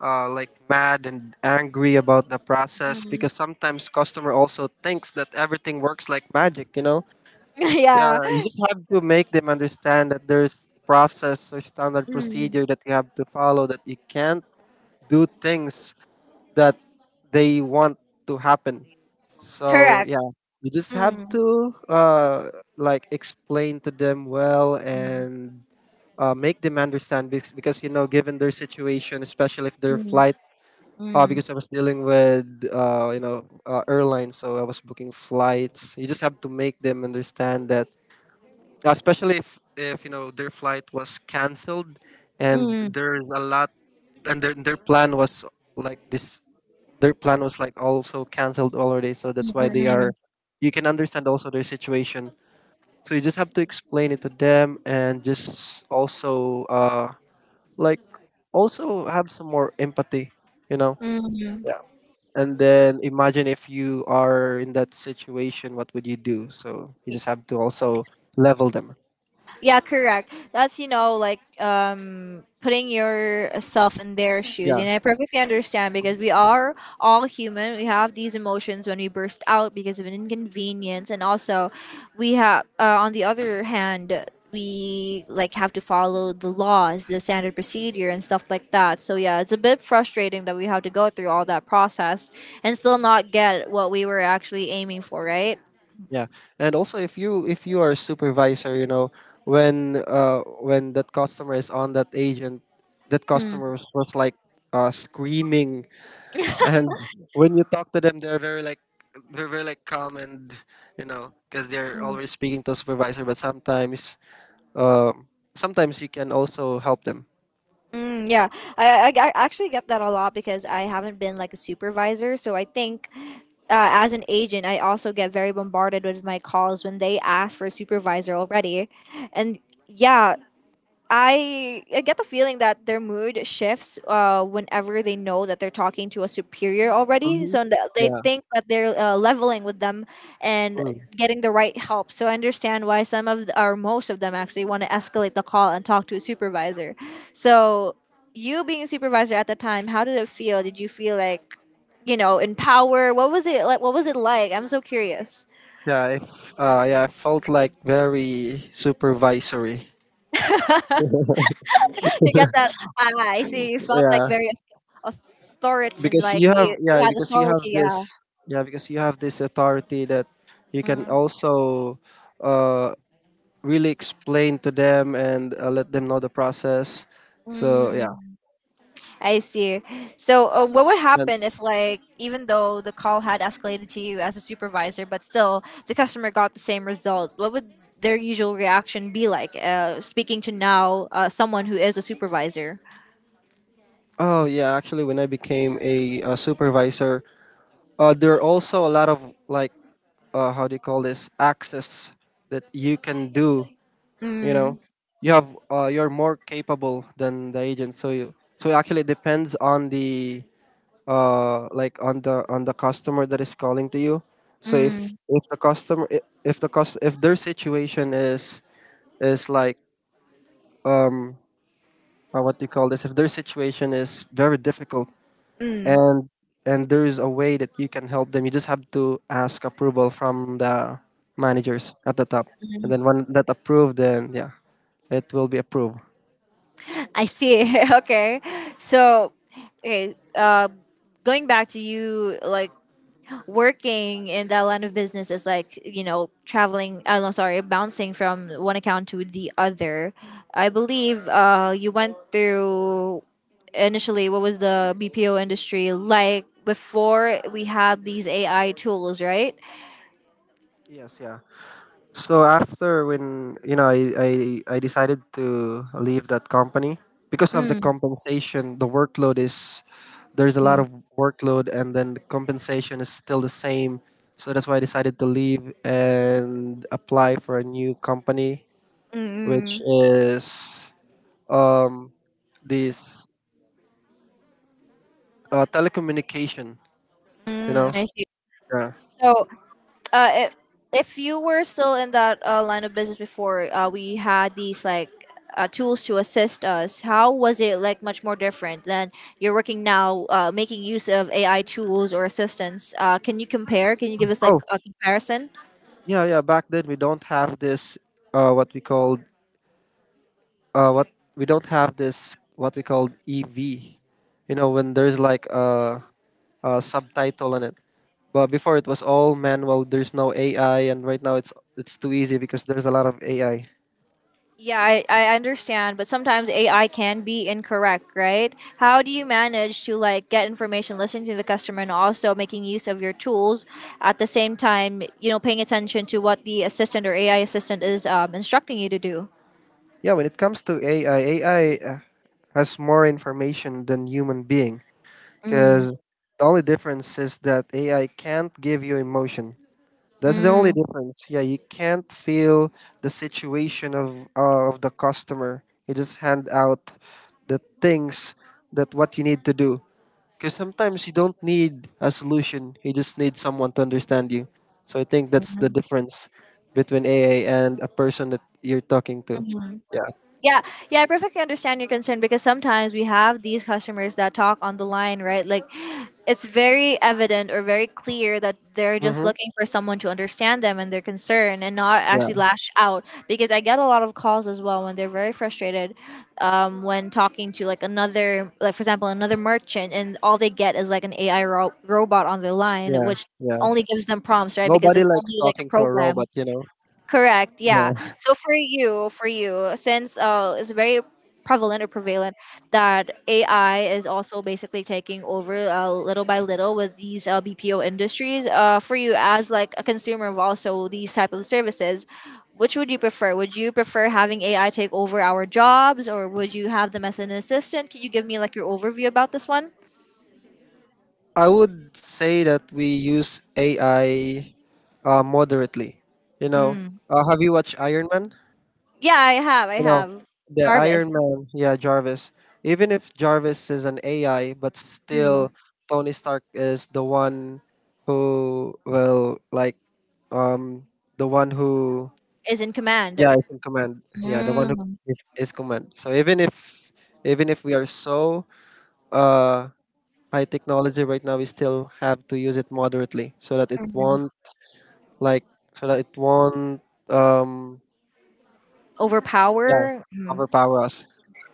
S2: like mad and angry about the process
S1: mm.
S2: because sometimes customer also thinks that everything works like magic. You know, yeah,
S1: (laughs)
S2: you
S1: Yeah,
S2: just have to make them understand that there's process or standard
S1: mm,
S2: procedure that you have to follow. That you can't do things that they want to happen. So
S1: correct.
S2: yeah, you just have
S1: Mm,
S2: to like explain to them well
S1: mm,
S2: and make them understand because, you know given their situation, especially if their
S1: mm.
S2: flight.
S1: Mm.
S2: Because I was dealing with airlines, so I was booking flights. You just have to make them understand that yeah, especially if you know their flight was canceled and
S1: Mm,
S2: there's a lot and their plan was like this their plan was like also canceled already, so
S1: mm,
S2: that's why they are,
S1: mm,
S2: you can understand also their situation. So you just have to explain it to them and just also like also have some more empathy, you know
S1: mm. Mm.
S2: and then imagine if you are in that situation what would you do, so you just have to also level them.
S1: Yeah, correct. That's like putting yourself in their shoes,
S2: Yeah.
S1: and I perfectly understand because we are all human. We have these emotions when we burst out because of an inconvenience, and also we have on the other hand we like have to follow the laws, the standard procedure, and stuff like that. So yeah, it's a bit frustrating that we have to go through all that process and still not get what we were actually aiming for, right?
S2: Yeah, and also if you are a supervisor, you know, when when that customer is on that agent, that customer was, like, screaming, and when you talk to them, they're very like calm, and you know because they're
S1: Mm.
S2: always speaking to supervisor, but sometimes um sometimes you can also help them.
S1: Mm, yeah, I actually get that a lot because I haven't been like a supervisor. So I think as an agent, I also get very bombarded with my calls when they ask for a supervisor already. And yeah, I get the feeling that their mood shifts whenever they know that they're talking to a superior already.
S2: Mhm.
S1: So they
S2: Yeah,
S1: think that they're leveling with them and
S2: mm.
S1: getting the right help. So I understand why some of, or most of them actually want to escalate the call and talk to a supervisor. So you being a supervisor at the time, how did it feel? Did you feel like, you know, in power? What was it like? What was it like? I'm so curious.
S2: yeah, if Yeah, I felt like very supervisory.
S1: (laughs) She got that. Ah, I see, you felt like
S2: Yeah.
S1: very auth- authoritarian, like you had
S2: Because you have
S1: authority. Yeah.
S2: this authority that you can
S1: Mm,
S2: also uh really explain to them and, let them know the process, so yeah.
S1: mm, I see. So, what would
S2: And
S1: happen if, like, even though the call had escalated to you as a supervisor, but still the customer got the same result? What would their usual reaction be like? Speaking to now someone who is a supervisor.
S2: oh yeah, actually when I became a, supervisor, there are also a lot of how do you call this, access that you can do, you
S1: Mm,
S2: know. You have you're more capable than the agent, so you, so it actually depends on the, on the customer that is calling to you. So if
S1: mm,
S2: if the customer, if their situation is like, um what do you call this, if their situation is very difficult
S1: mm.
S2: and and there is a way that you can help them, you just have to ask approval from the managers at the top, and then when that approved, then yeah, it will be approved.
S1: I see. (laughs) Okay. So, okay. Going back to you, like working in that line of business is like you know traveling, I'm no, sorry, bouncing from one account to the other. I believe you went through initially, what was the BPO industry like before we had these AI tools, right?
S2: Yes, yeah. So after, when you know, I decided to leave that company because of the
S1: Mm.
S2: compensation, the workload is, there's a lot of workload, and then the compensation is still the same. So that's why I decided to leave and apply for a new company, which
S1: Mm-mm.
S2: is um this telecommunication, you
S1: Mm,
S2: know.
S1: I see.
S2: Yeah.
S1: So uh, i- if you were still in that line of business before, we had these like tools to assist us. How was it like much more different than you're working now, making use of AI tools or assistance? Can you compare? Can you give us like
S2: Oh,
S1: a comparison?
S2: yeah, yeah, back then we don't have this what we called, what we don't have this what we call EV. You know, when there's like a subtitle on it. But before it was all manual. There's no AI, and right now it's too easy because there's a lot of AI.
S1: Yeah, I understand, but sometimes AI can be incorrect, right? How do you manage to like get information, listen to the customer, and also making use of your tools at the same time? You know, paying attention to what the assistant or AI assistant is instructing you to do.
S2: Yeah, when it comes to AI, AI has more information than human being,
S1: Mm,
S2: because the only difference is that AI can't give you emotion. That's the
S1: mm,
S2: only difference. Yeah, you can't feel the situation of, the customer. You just hand out the things that what you need to do. Because sometimes you don't need a solution. You just need someone to understand you. So I think that's the
S1: mm-hmm,
S2: difference between AA and a person that you're talking to.
S1: mm-hmm.
S2: Yeah.
S1: Yeah, yeah, I perfectly understand your concern because sometimes we have these customers that talk on the line, right? Like it's very evident or very clear that they're just
S2: Mm-hmm.
S1: looking for someone to understand them and their concern and not
S2: Yeah.
S1: actually lash out. Because I get a lot of calls as well when they're very frustrated when talking to like another, like for example, another merchant, and all they get is like an AI robot on the line,
S2: Yeah.
S1: which
S2: Yeah.
S1: only gives them prompts, right? Because
S2: Nobody
S1: it's
S2: likes
S1: only like a
S2: talking to a
S1: program.
S2: robot. You know.
S1: Correct. Yeah.
S2: Yeah.
S1: So for you, since it's very prevalent that AI is also basically taking over little by little with these BPO industries. For you as like a consumer of also these type of services, which would you prefer? Would you prefer having AI take over our jobs, or would you have them as an assistant? Can you give me like your overview about this one?
S2: I would say that we use AI moderately. You know,
S1: Mm.
S2: have you watched Iron Man?
S1: Yeah, I have. I
S2: You know,
S1: have.
S2: the
S1: Jarvis.
S2: Iron Man, yeah, Jarvis. Even if Jarvis is an AI, but
S1: Mm.
S2: still Tony Stark is the one who will like um the one who
S1: Is in command.
S2: yeah is in command. Yeah, the
S1: Mm.
S2: one who is command. So even if, we are so uh high technology right now, we still have to use it moderately so that it won't, like so that it won't, um yeah,
S1: Overpower.
S2: overpower us.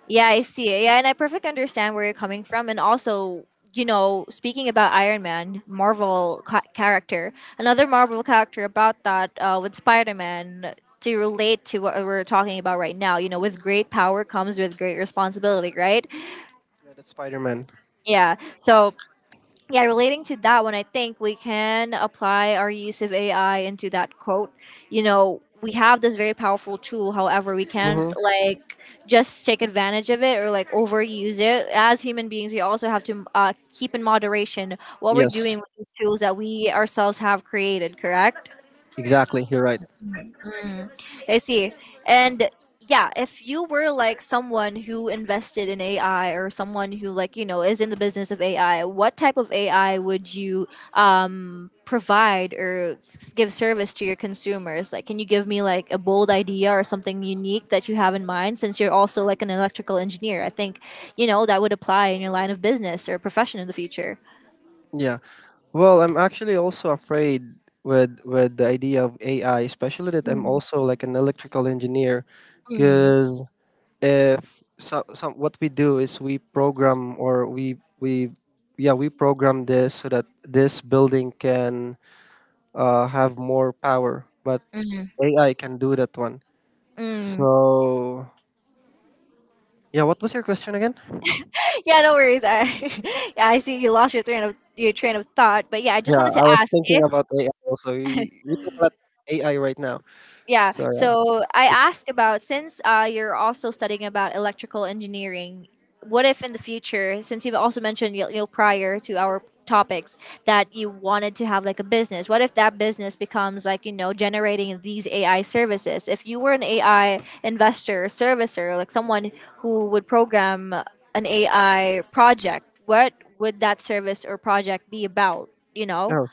S1: Yeah, I see it. Yeah, and I perfectly understand where you're coming from. And also, you know, speaking about Iron Man, Marvel character, another Marvel character about that with Spider Man, to relate to what we're talking about right now. You know, with great power comes with great responsibility, right?
S2: Yeah, that's Spider Man.
S1: Yeah. So yeah, relating to that one, I think we can apply our use of AI into that quote. You know, we have this very powerful tool. However, we can't
S2: Mm-hmm.
S1: like just take advantage of it or like overuse it. As human beings, we also have to keep in moderation what we're
S2: Yes,
S1: doing with these tools that we ourselves have created. Correct?
S2: exactly. You're right.
S1: Mm, I see. And yeah, if you were like someone who invested in AI or someone who like, you know, is in the business of AI, what type of AI would you provide or give service to your consumers? Like, can you give me like a bold idea or something unique that you have in mind since you're also like an electrical engineer? I think, you know, that would apply in your line of business or profession in the future.
S2: Yeah. Well, I'm actually also afraid with the idea of AI, especially that I'm
S1: Mm,
S2: also like an electrical engineer,
S1: mm,
S2: because if so, some what we do is we program or we program this so that this building can, have more power, but
S1: mm,
S2: AI can do that one.
S1: mm.
S2: So yeah, what was your question again?
S1: (laughs) Yeah, no worries. I, (laughs) yeah, I see you lost your train of thought, but yeah, I just
S2: Yeah,
S1: wanted to
S2: I was
S1: ask
S2: thinking
S1: if
S2: about AI also. We talk about AI right now.
S1: yeah,
S2: So yeah.
S1: so I asked about, since you're also studying about electrical engineering, what if in the future, since you've also mentioned you know prior to our topics that you wanted to have like a business, what if that business becomes like you know generating these AI services? If you were an AI investor, servicer, like someone who would program an AI project, what would that service or project be about, you know?
S2: Oh,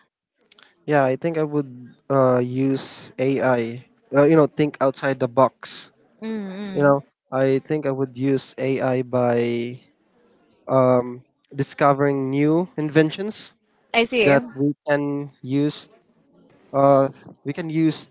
S2: yeah, I think I would use AI. You know, think outside the box.
S1: mm
S2: You know,
S1: mm.
S2: I think I would use AI by, um discovering new inventions
S1: I see.
S2: that we can use, uh we can use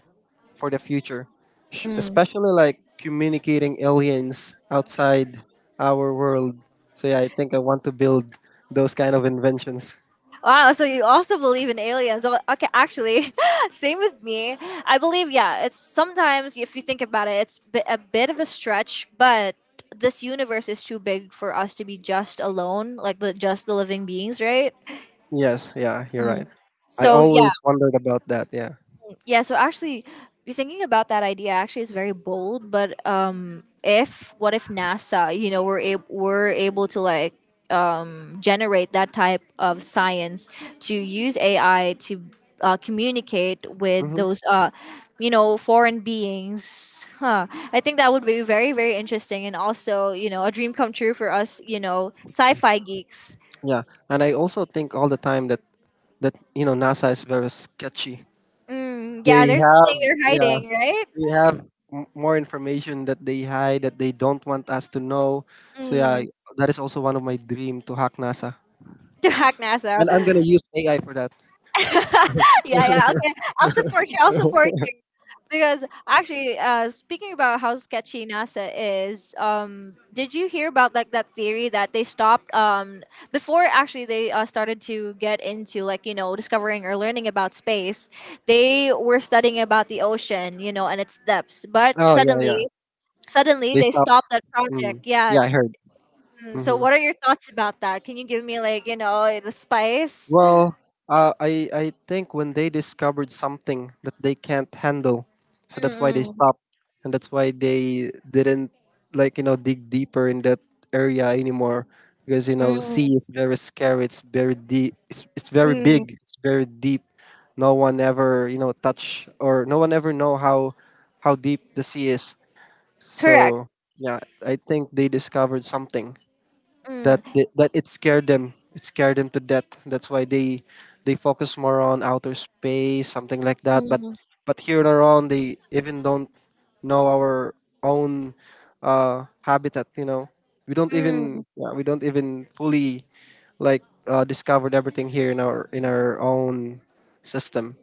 S2: for the future.
S1: Mm.
S2: Especially like communicating aliens outside our world. So yeah, I think I want to build those kind of inventions.
S1: Wow, so you also believe in aliens. Oh, okay, actually, (laughs) same with me. I believe, yeah, it's sometimes, if you think about it, it's a bit of a stretch, but this universe is too big for us to be just alone, like the, just the living beings, right?
S2: Yes, yeah, you're
S1: Mm.
S2: right. I
S1: So, yeah,
S2: always wondered about that. Yeah.
S1: yeah, so actually, you're thinking about that idea. Actually, is very bold. But if what if NASA, you know, we're able to like generate that type of science to use AI to communicate with those,
S2: hmm
S1: you know, foreign beings. Huh. I think that would be very, very interesting, and also, you know, a dream come true for us, you know, sci-fi geeks.
S2: Yeah, and I also think all the time that, that you know NASA is very sketchy.
S1: Mm, yeah,
S2: They
S1: there's something
S2: have
S1: they're
S2: yeah,
S1: hiding, right?
S2: they have more information that they hide, that they don't want us to know. So yeah,
S1: Mm,
S2: that is also one of my dream to hack NASA,
S1: (laughs) to hack NASA.
S2: and I'm gonna use AI for that.
S1: (laughs) Yeah, yeah. Okay, I'll
S2: (laughs)
S1: support you because actually, speaking about how sketchy NASA is, did you hear about like that theory that they stopped before actually they started to get into like you know discovering or learning about space, they were studying about the ocean, you know, and its depths, but
S2: Oh yeah, yeah.
S1: suddenly
S2: They
S1: they
S2: stopped.
S1: stopped that
S2: Mm.
S1: project. Yeah.
S2: Yeah, I heard.
S1: Mm, so,
S2: hmm
S1: what are your thoughts about that? Can you give me like you know the spice?
S2: Well, I think when they discovered something that they can't handle, so that's why they
S1: Mm,
S2: stopped, and that's why they didn't, like you know, dig deeper in that area anymore, because you know
S1: mm,
S2: sea is very scary. It's very deep. It's very
S1: mm.
S2: big. It's very deep. No one ever you know touch, or no one ever know how deep the sea is.
S1: Correct.
S2: So yeah, I think they discovered something
S1: Mm,
S2: that they, that it scared them, to death, that's why they focus more on outer space, something like that. but
S1: mm,
S2: but here in Iran they even don't know our own habitat, you know. we don't even
S1: mm.
S2: yeah we don't even fully discovered everything here in our own system.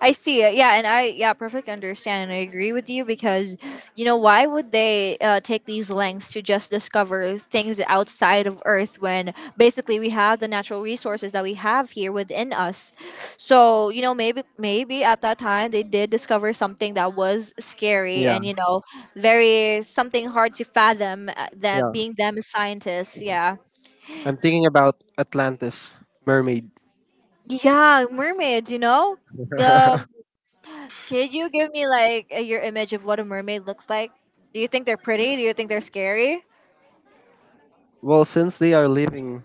S1: I see it. Yeah, and I yeah, perfectly understand and I agree with you because you know why would they take these lengths to just discover things outside of Earth when basically we have the natural resources that we have here within us. So you know maybe at that time they did discover something that was scary and
S2: yeah
S1: you know very something hard to fathom that
S2: yeah
S1: being them as scientists. Yeah,
S2: I'm thinking about Atlantis, mermaid.
S1: yeah, mermaids. You know. Um.
S2: (laughs)
S1: Could you give me like a, your image of what a mermaid looks like? Do you think they're pretty? Do you think they're scary?
S2: Well, since they are living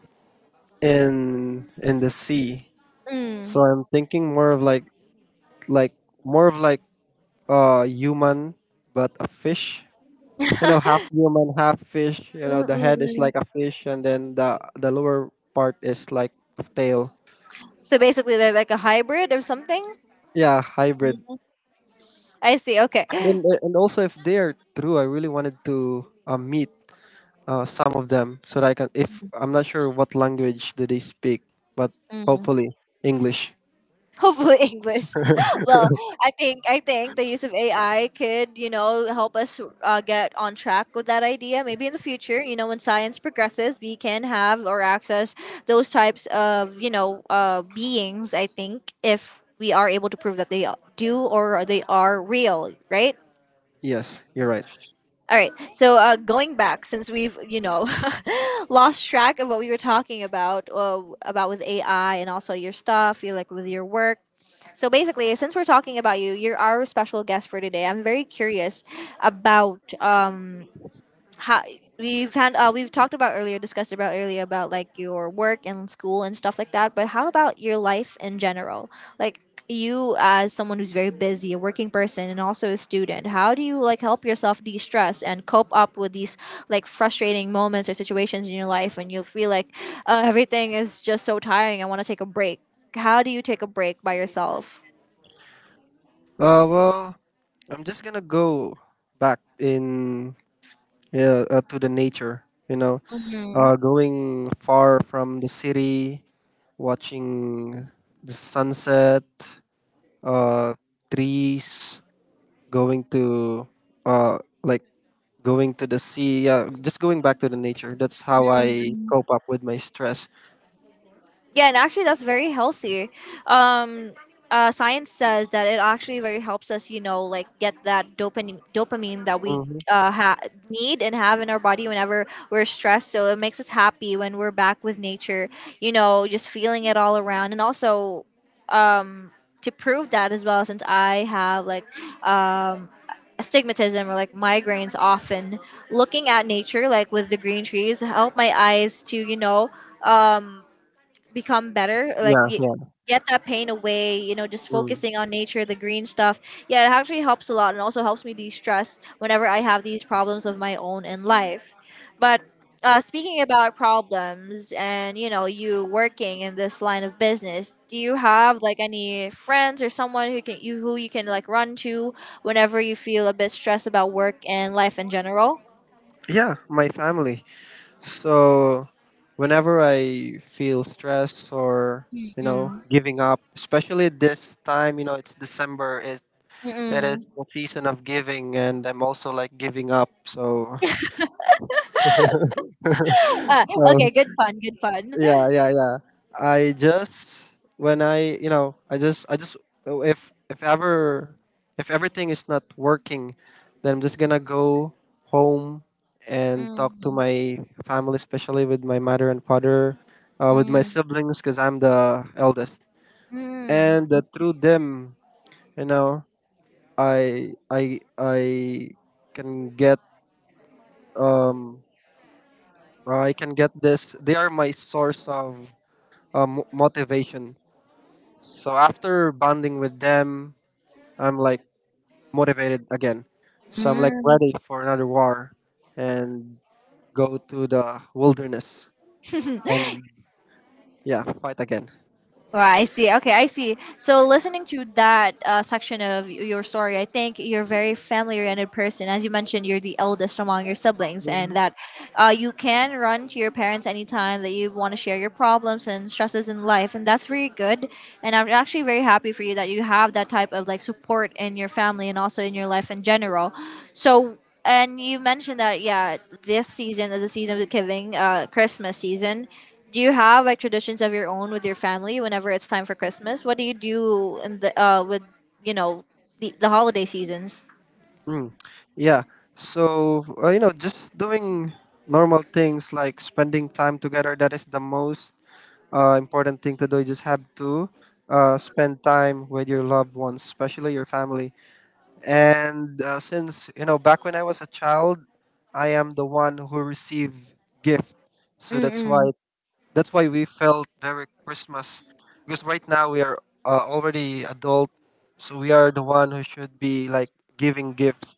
S2: in the sea, so
S1: Mm.
S2: I'm thinking more of like like human but a fish.
S1: (laughs)
S2: You know, half human, half fish. You know, the head is
S1: Mm-mm-mm.
S2: like a fish and then the lower part is like tail.
S1: So basically, they're like a hybrid or something.
S2: Yeah, hybrid.
S1: Mm. I see. Okay.
S2: And then, and also if they're true, I really wanted to meet, some of them, so that I can, if I'm not sure what language do they speak, but
S1: Mm.
S2: hopefully English.
S1: Hopefully English. (laughs) Well, I think the use of AI could you know help us get on track with that idea. Maybe in the future, you know, when science progresses, we can have or access those types of you know beings. I think if we are able to prove that they do or they are real, right?
S2: Yes, you're right.
S1: All right. So going back, since we've you know (laughs) lost track of what we were talking about with AI and also your stuff, you like with your work. So basically, since we're talking about you, you're our special guest for today. I'm very curious about how we've had we've talked about earlier, discussed about earlier about like your work and school and stuff like that, but how about your life in general, like you as someone who's very busy, a working person and also a student, how do you like help yourself de-stress and cope up with these like frustrating moments or situations in your life when you feel like everything is just so tiring, I want to take a break? How do you take a break by yourself?
S2: Uh well, I'm just going to go back in, yeah, to the nature. You know, going far from the city, watching the sunset, uh, trees, going to, uh, like going to the sea. Yeah, just going back to the nature. That's how I cope up with my stress.
S1: Yeah, and actually, that's very healthy. Um, science says that it actually very helps us, you know, like get that dopamine that we
S2: hmm
S1: uh, ha- need and have in our body whenever we're stressed. So it makes us happy when we're back with nature, you know, just feeling it all around. And also, um, to prove that as well, since I have like um, astigmatism or like migraines often, looking at nature like with the green trees help my eyes to, you know. Um, Become better
S2: Yeah, yeah,
S1: get that pain away, you know, just
S2: mm.
S1: focusing on nature, the green stuff. Yeah, it actually helps a lot and also helps me de-stress whenever I have these problems of my own in life. But speaking about problems, and you know, you working in this line of business, do you have like any friends or someone who can you who you can like run to whenever you feel a bit stressed about work and life in general?
S2: Yeah. My family. So whenever I feel stressed or, you know,
S1: Mm.
S2: giving up, especially this time, you know, it's December. It
S1: Mm-mm.
S2: is the season of giving, and I'm also like giving up. So,
S1: (laughs) Ah,
S2: so
S1: okay, good fun, good fun.
S2: yeah, yeah, yeah. I just when I you know I just If everything is not working, then I'm just gonna go home and talk to
S1: Mm.
S2: my family, especially with my mother and father, with my
S1: Mm.
S2: siblings, because I'm the eldest.
S1: Mm,
S2: And
S1: I see.
S2: through them, you know, I can get, um I can get this. They are my source of, motivation. So after bonding with them, I'm like motivated again. So I'm like
S1: Mm.
S2: ready for another war, and go to the wilderness
S1: (laughs)
S2: and, yeah, fight again.
S1: Well, I see. Okay, I see. So, listening to that section of your story, I think you're a very family oriented person. As you mentioned, you're the eldest among your siblings, and
S2: Mhm.
S1: that you can run to your parents anytime that you want to share your problems and stresses in life, and that's very good. And I'm actually very happy for you that you have that type of like support in your family and also in your life in general. So, and you mentioned that, yeah, this season is the season of the giving, Christmas season. Do you have like traditions of your own with your family whenever it's time for Christmas? What do you do in the with, you know, the holiday seasons?
S2: Mm. Yeah. So you know, just doing normal things like spending time together. That is the most important thing to do. You just have to spend time with your loved ones, especially your family. And since you know, back when I was a child, I am the one who received gift, so that's why,
S1: Mm-mm.
S2: we felt very Christmas. Because right now we are already adult, so we are the one who should be like giving gifts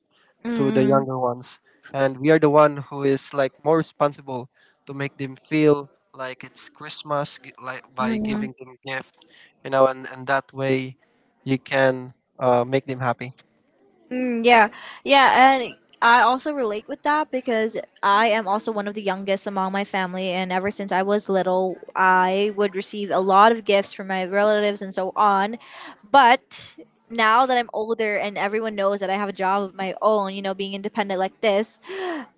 S2: to the
S1: Mm-mm.
S2: younger ones, and we are the one who is like more responsible to make them feel like it's Christmas, like by giving them gift, you know, and that way you can make them happy.
S1: Mm, yeah, yeah, and I also relate with that because I am also one of the youngest among my family, and ever since I was little, I would receive a lot of gifts from my relatives and so on. But now that I'm older and everyone knows that I have a job of my own, you know, being independent like this,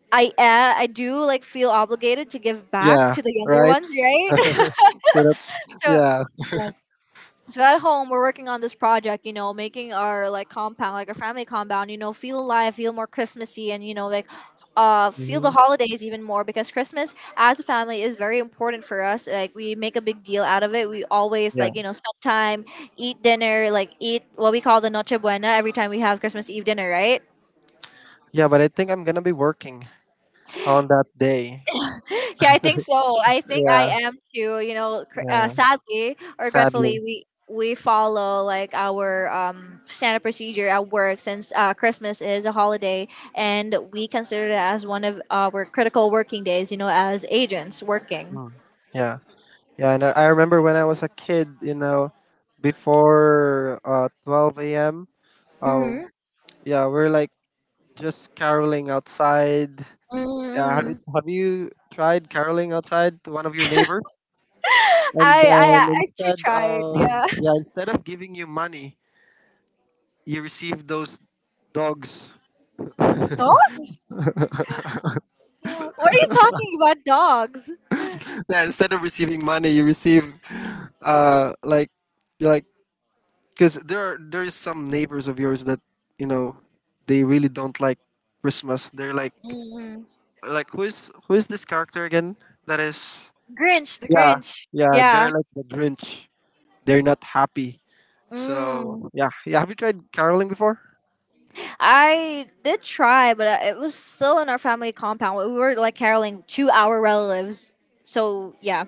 S1: I do like feel obligated to give back
S2: Yeah,
S1: to the younger
S2: right.
S1: ones, right? (laughs)
S2: So that,
S1: So,
S2: yeah,
S1: yeah, so at home we're working on this project, you know, making our like compound, like our family compound, you know, feel alive, feel more christmassy, and you know, like feel the
S2: mhm,
S1: holidays even more, because Christmas as a family is very important for us. Like, we make a big deal out of it. We always
S2: yeah,
S1: like, you know, spend time, eat dinner, like eat what we call the noche buena every time we have Christmas Eve dinner, right?
S2: yeah. But I think I'm gonna be working on that day.
S1: Yeah, I think so. I think I
S2: Yeah,
S1: am too. You know,
S2: yeah.
S1: sadly or gratefully,
S2: Sadly.
S1: we follow like our standard procedure at work since Christmas is a holiday, and we consider it as one of our critical working days. You know, as agents working.
S2: Mm. Yeah, yeah. And I remember when I was a kid, you know, before 12 a.m. Um,
S1: Mm-hmm.
S2: yeah, we're like just caroling outside. Yeah,
S1: Mm. (laughs)
S2: have you tried caroling outside to one of your neighbors? And
S1: I,
S2: then,
S1: I actually tried. Yeah.
S2: instead of giving you money, you receive those dogs.
S1: (laughs) Dogs. What are you talking about, dogs?
S2: Yeah, instead of receiving money, you receive, uh, like, you like, because there is some neighbors of yours that, you know, they really don't like Christmas. They're
S1: Mm.
S2: like who is this character again? That is,
S1: Grinch, the
S2: yeah,
S1: Grinch.
S2: yeah.
S1: Yeah.
S2: They're like the Grinch. They're not happy.
S1: Mm.
S2: So yeah, yeah. Have you tried caroling before?
S1: I did try, but it was still in our family compound. We were like caroling to our relatives. So, yeah,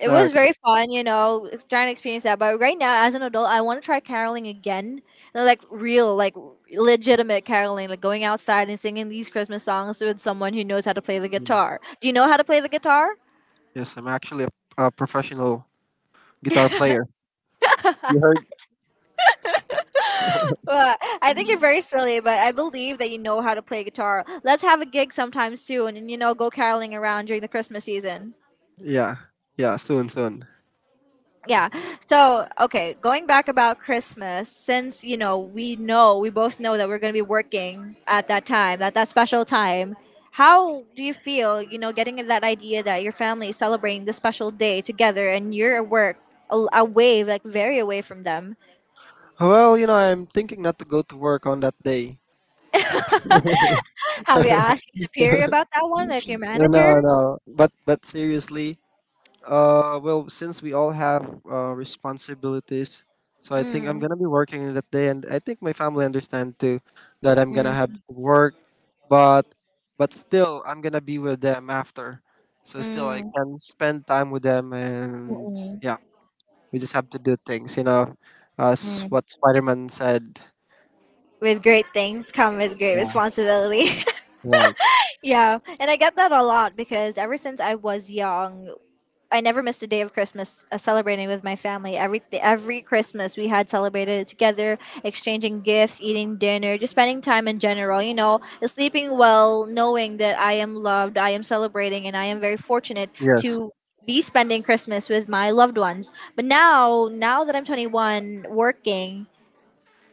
S1: it
S2: Ah,
S1: was
S2: okay.
S1: very fun, you know, trying to experience that. But right now, as an adult, I want to try caroling again. And, like real, like legitimate caroling, like going outside and singing these Christmas songs with someone who knows how to play the
S2: Mm.
S1: guitar. Do you know how to play the guitar? (laughs)
S2: Yes, I'm actually a professional guitar player. You heard?
S1: Well, I think you're very silly, but I believe that you know how to play guitar. Let's have a gig sometime soon and, you know, go caroling around during the Christmas season.
S2: Yeah, yeah. Soon, soon.
S1: Yeah, so okay, going back about Christmas, since you know, we know, we both know that we're going to be working at that time, at that special time, how do you feel, you know, getting that idea that your family is celebrating this special day together, and you're at work, away, like very away from them?
S2: Well, you know, I'm thinking not to go to work on that day.
S1: (laughs) Have you asked your superior about that one, like your
S2: No, no,
S1: manager?
S2: no. But seriously, well, since we all have responsibilities, so I think I'm
S1: Mm,
S2: gonna be working that day, and I think my family understand too that I'm gonna
S1: mm,
S2: have to work, but, still, I'm gonna be with them after. So still, I
S1: mm,
S2: can spend time with them, and
S1: mm,
S2: yeah, we just have to do things, you know, as
S1: mm.
S2: what Spider-Man said.
S1: With great things come with great
S2: Yeah,
S1: responsibility. (laughs)
S2: right.
S1: Yeah, and I get that a lot because ever since I was young, I never missed a day of Christmas celebrating with my family. Every Christmas we had celebrated together, exchanging gifts, eating dinner, just spending time in general. You know, sleeping well, knowing that I am loved, I am celebrating, and I am very fortunate
S2: Yes.
S1: to be spending Christmas with my loved ones. But now, now that I'm 21, working,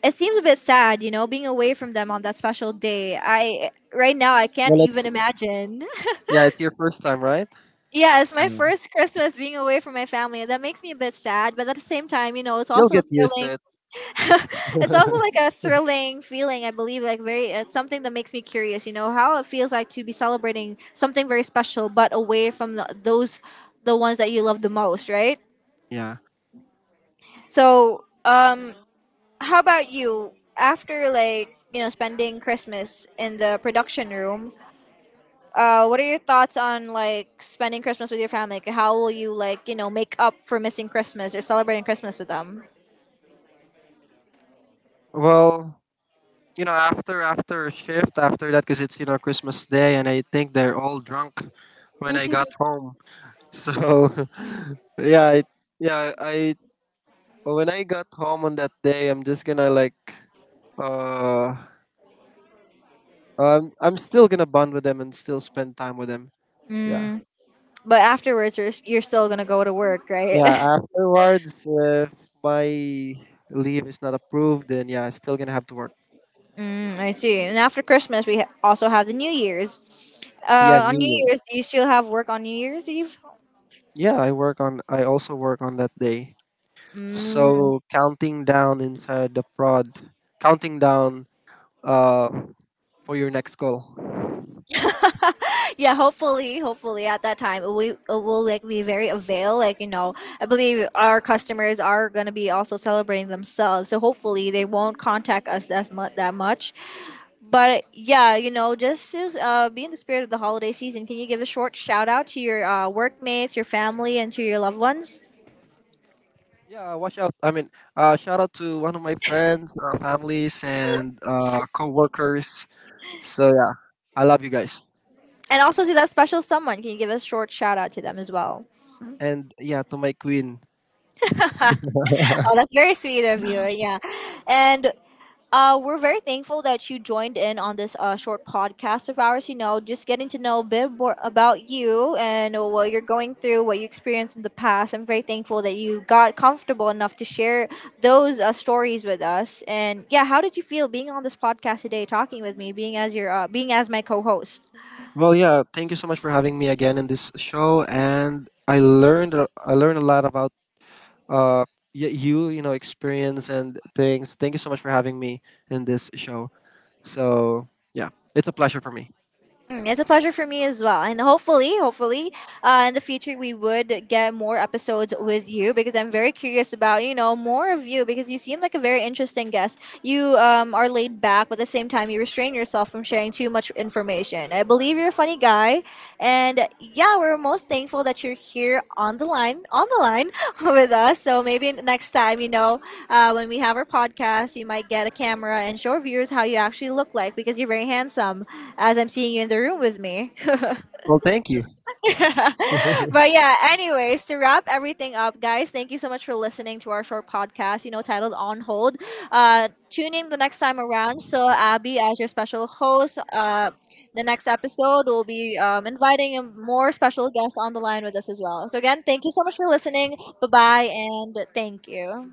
S1: it seems a bit sad, you know, being away from them on that special day. I right now I can't
S2: Well,
S1: even
S2: it's,
S1: imagine.
S2: yeah, it's your first time, right?
S1: Yeah, it's my
S2: Yeah.
S1: first Christmas being away from my family. That makes me a bit sad, but at the same time, you know, it's
S2: You'll
S1: also
S2: get used
S1: thrilling.
S2: to it.
S1: (laughs) It's also like a thrilling feeling, I believe, like very, it's something that makes me curious, you know, how it feels like to be celebrating something very special but away from those, the ones that you love the most, right?
S2: Yeah.
S1: So, how about you, after like, you know, spending Christmas in the production room? What are your thoughts on like spending Christmas with your family? Like, how will you, like you know, make up for missing Christmas or celebrating Christmas with them?
S2: Well, you know, after, a shift, after that, because it's you know Christmas Day, and I think they're all drunk when I got
S1: (laughs)
S2: home. So, (laughs) yeah, I, yeah, I when I got home on that day, I'm just gonna like, uh, I'm still gonna bond with them and still spend time with them. Yeah.
S1: Mm. But afterwards, you're still gonna go to work, right?
S2: Yeah.
S1: (laughs)
S2: Afterwards, if my leave is not approved, then yeah, I'm still gonna have to work.
S1: Mm, I see. And after Christmas, we also have the New Year's.
S2: Yeah,
S1: On
S2: New
S1: New Year's,
S2: Year's.
S1: do you still have work on New Year's Eve?
S2: Yeah, I also work on that day.
S1: Mm.
S2: So counting down inside the prod, counting down uh for your next call.
S1: (laughs) Yeah, hopefully, hopefully at that time, we will like be very avail, like you know, I believe our customers are going to be also celebrating themselves, so hopefully they won't contact us that much, that much. But yeah, you know, just to be in the spirit of the holiday season, can you give a short shout out to your workmates, your family, and to your loved ones?
S2: Yeah, watch out. I mean, shout out to one of my friends, families, and co-workers. So yeah, I love you guys.
S1: And also to that special someone, can you give a short shout out to them as well?
S2: And yeah, to my queen.
S1: Oh, that's very sweet of you. Yeah. And we're very thankful that you joined in on this short podcast of ours. You know, just getting to know a bit more about you and what you're going through, what you experienced in the past. I'm very thankful that you got comfortable enough to share those stories with us. And yeah, how did you feel being on this podcast today, talking with me, being as your, being as my co-host?
S2: Well, yeah, thank you so much for having me again in this show. And I learned a lot about uh you, you know, experience and things. Thank you so much for having me in this show. So yeah, it's a pleasure for me.
S1: Mm, it's a pleasure for me as well, and hopefully, hopefully, in the future we would get more episodes with you because I'm very curious about, you know, more of you because you seem like a very interesting guest. You are laid back, but at the same time, you restrain yourself from sharing too much information. I believe you're a funny guy, and yeah, we're most thankful that you're here on the line (laughs) with us. So maybe next time, you know, when we have our podcast, you might get a camera and show viewers how you actually look like because you're very handsome, as I'm seeing you in the room with me.
S2: Well, thank you. (laughs)
S1: But yeah, anyways, to wrap everything up, guys, thank you so much for listening to our short podcast, you know, titled On Hold. Tune in the next time around. So, Abby, as your special host, the next episode, we'll be inviting a more special guests on the line with us as well. So, again, thank you so much for listening. Bye bye, and thank you.